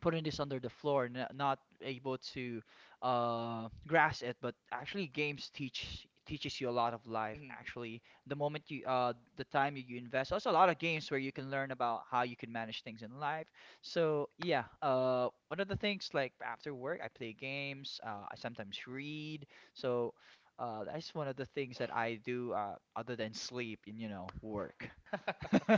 [SPEAKER 1] putting this under the floor, not able to grasp it. But actually, games teaches you a lot of life.
[SPEAKER 2] Mhm.
[SPEAKER 1] Actually, the moment you the time you invest, there's a lot of games where you can learn about how you can manage things in life. So yeah, one of the things like after work, I play games. I sometimes read. So that's one of the things that I do other than sleep and you know work.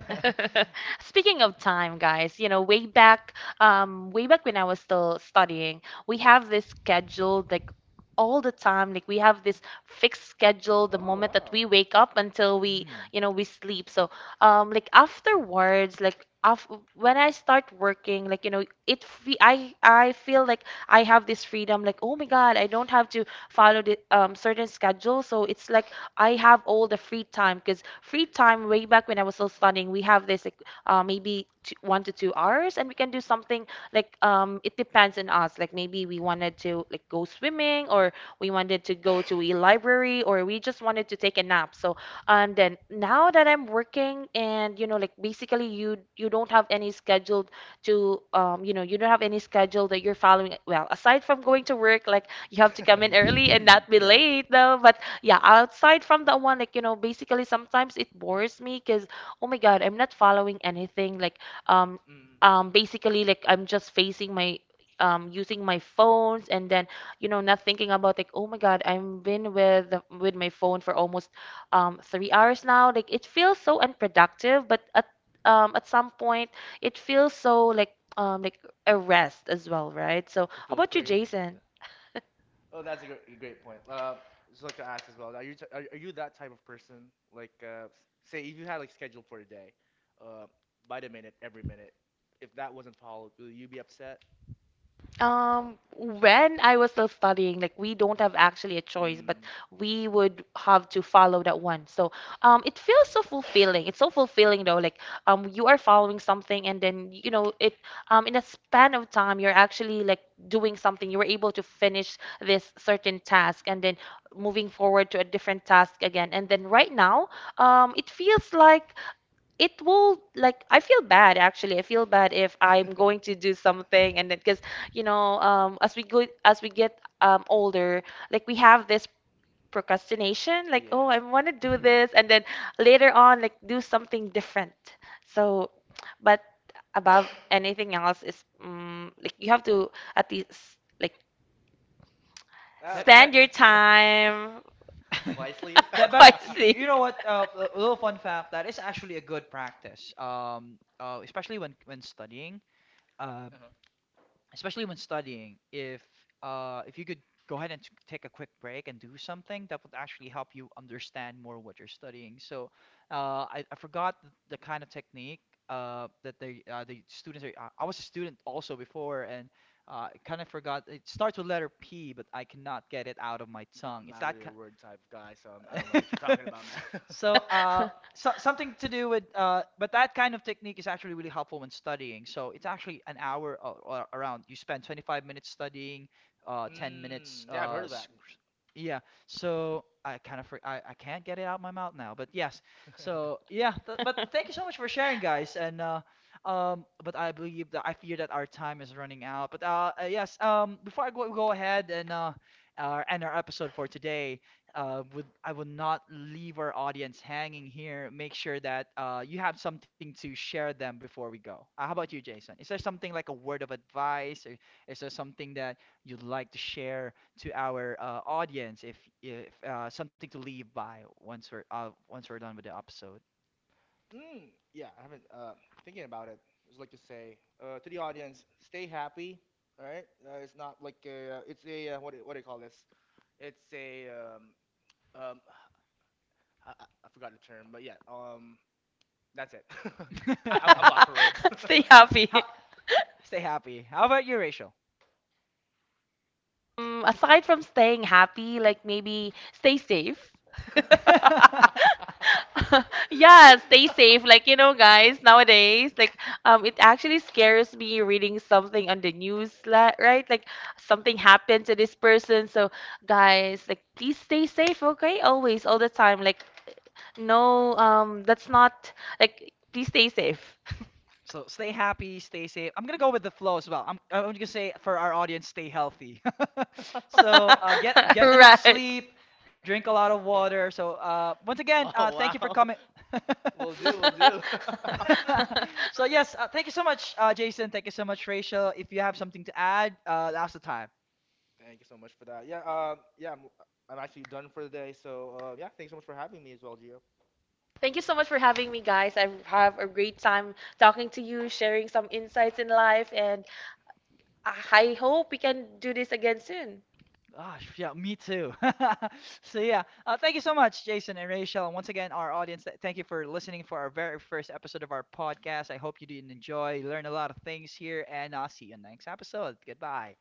[SPEAKER 3] Speaking of time, guys, you know, way back when I was still studying, we have this schedule like all the time. Like we have this fixed schedule the
[SPEAKER 2] Oh,
[SPEAKER 3] moment that
[SPEAKER 2] wow.
[SPEAKER 3] we wake up until we,
[SPEAKER 1] Mm.
[SPEAKER 3] you know, we sleep. So, like afterwards, like af when I start working, like you know, it fe I feel like I have this freedom. Like oh my God, I don't have to follow the certain schedule. So it's like I have all the free time because free time way back when I was still studying, we have this like, maybe two, 1 to 2 hours, and we can do something like it depends on us. Like maybe we wanted to like go swimming, or we wanted to go to a library, or we just wanted to take a nap. So and then now that I'm working, and you know like basically you don't have any scheduled to you know you don't have any schedule that you're following. Well, aside from going to work, like you have to come in early and
[SPEAKER 1] Mhm.
[SPEAKER 3] not be
[SPEAKER 1] Yeah.
[SPEAKER 3] late though but yeah, outside from that one, like, you know, basically sometimes it bores me because, oh my God, I'm not following anything. Like, um,
[SPEAKER 2] Mm.
[SPEAKER 3] basically, like, I'm just facing my, using my phones and then, you know, not thinking about, like, oh my God, I've been with, with my phone for almost, 3 hours now. Like, it feels so unproductive, but at some point, it feels so, like a rest as well, right? So,
[SPEAKER 2] You
[SPEAKER 3] how
[SPEAKER 2] feel
[SPEAKER 3] about you,
[SPEAKER 2] free.
[SPEAKER 3] Jason?
[SPEAKER 2] Oh, that's a great point. Just like to ask as well. Are you that type of person? Like, say if you had like scheduled for a day, uh, by the minute, every minute, if that wasn't followed, will you be upset?
[SPEAKER 3] When I was still studying, like we don't have actually a choice, but
[SPEAKER 2] Mm,
[SPEAKER 3] we would have to follow that one. So, it feels so fulfilling. It's so fulfilling though. Like, you are following something, and then you know it. In a span of time, you're actually like doing something. You were able to finish this certain task, and then moving forward to a different task again. And then right now, it feels like it will like I feel bad actually. I feel bad if I'm going to do something and then because you know as we get older, like we have this procrastination like oh
[SPEAKER 2] yeah.
[SPEAKER 3] I want to do this and then later on like do something different. So, but above anything else is like you have to at least like
[SPEAKER 2] Ah,
[SPEAKER 1] That
[SPEAKER 2] okay.
[SPEAKER 3] spend
[SPEAKER 1] that
[SPEAKER 3] your
[SPEAKER 1] th
[SPEAKER 3] time.
[SPEAKER 2] Wisely?
[SPEAKER 1] that but you, you
[SPEAKER 3] Wisely.
[SPEAKER 1] know what, a little fun fact that is actually a good practice, especially when studying, uh,
[SPEAKER 2] Uh-huh.
[SPEAKER 1] especially when studying if if you could go ahead and take a quick break and do something that would actually help you understand more what you're studying. So I forgot the kind of technique that they the students are, I was a student also before and kind of forgot. It starts with letter P, but I cannot get it out of my tongue.
[SPEAKER 2] I'm
[SPEAKER 1] It's
[SPEAKER 2] not
[SPEAKER 1] that
[SPEAKER 2] really a word type of guy, so I don't know what you're talking about, man.
[SPEAKER 1] so so, something to do with but that kind of technique is actually really helpful when studying, so it's actually an hour or around you spend 25 minutes studying 10 minutes
[SPEAKER 2] Mm, yeah, I've heard of that.
[SPEAKER 1] yeah. So I kind of I can't get it out my mouth now, but yes. So yeah, but thank you so much for sharing, guys. And but I believe that I fear that our time is running out, but yes, before go ahead and end our episode for today. Uh, would I would not leave our audience hanging here. Make sure that you have something to share them before we go. How about you, Jason? Is there something like a word of advice, or is there something that you'd like to share to our audience? If something to leave by once we're done with the episode.
[SPEAKER 2] Mm, yeah, I haven't. Thinking about it, just like to say to the audience, stay happy. All right, it's not like a, it's a what do you call this? It's a Um, I forgot the term, but yeah. That's it. I'm lost for words.
[SPEAKER 3] Stay
[SPEAKER 1] How,
[SPEAKER 3] happy.
[SPEAKER 1] stay happy. How about you, Rachel?
[SPEAKER 3] Aside from staying happy, like maybe stay safe. Yeah, stay safe. Like, you know, guys, nowadays, like, it actually scares me reading something on the news, right? Like, something happened to this person. So, guys, like, please stay safe, okay? Always, all the time. Like, no, that's not, like, please stay safe.
[SPEAKER 1] So stay happy, stay safe. I'm gonna go with the flow as well. I'm gonna say for our audience, stay healthy. So get enough
[SPEAKER 3] Right.
[SPEAKER 1] sleep, drink a lot of water. So once again,
[SPEAKER 2] Oh
[SPEAKER 1] thank
[SPEAKER 2] wow.
[SPEAKER 1] you for coming.
[SPEAKER 2] Will do. Will do.
[SPEAKER 1] So yes, thank you so much, Jason. Thank you so much, Rachel. If you have something to add, now's the time.
[SPEAKER 2] Thank you so much for that. Yeah. Yeah. I'm actually done for the day. So. Yeah. Thanks so much for having me as well, Gio.
[SPEAKER 3] Thank you so much for having me, guys. I have a great time talking to you, sharing some insights in life, and I hope we can do this again soon.
[SPEAKER 1] Gosh, yeah, me too. So yeah, thank you so much, Jason and Rachel, and once again, our audience. Thank you for listening for our very first episode of our podcast. I hope you did enjoy, learn a lot of things here, and I'll see you next episode. Goodbye.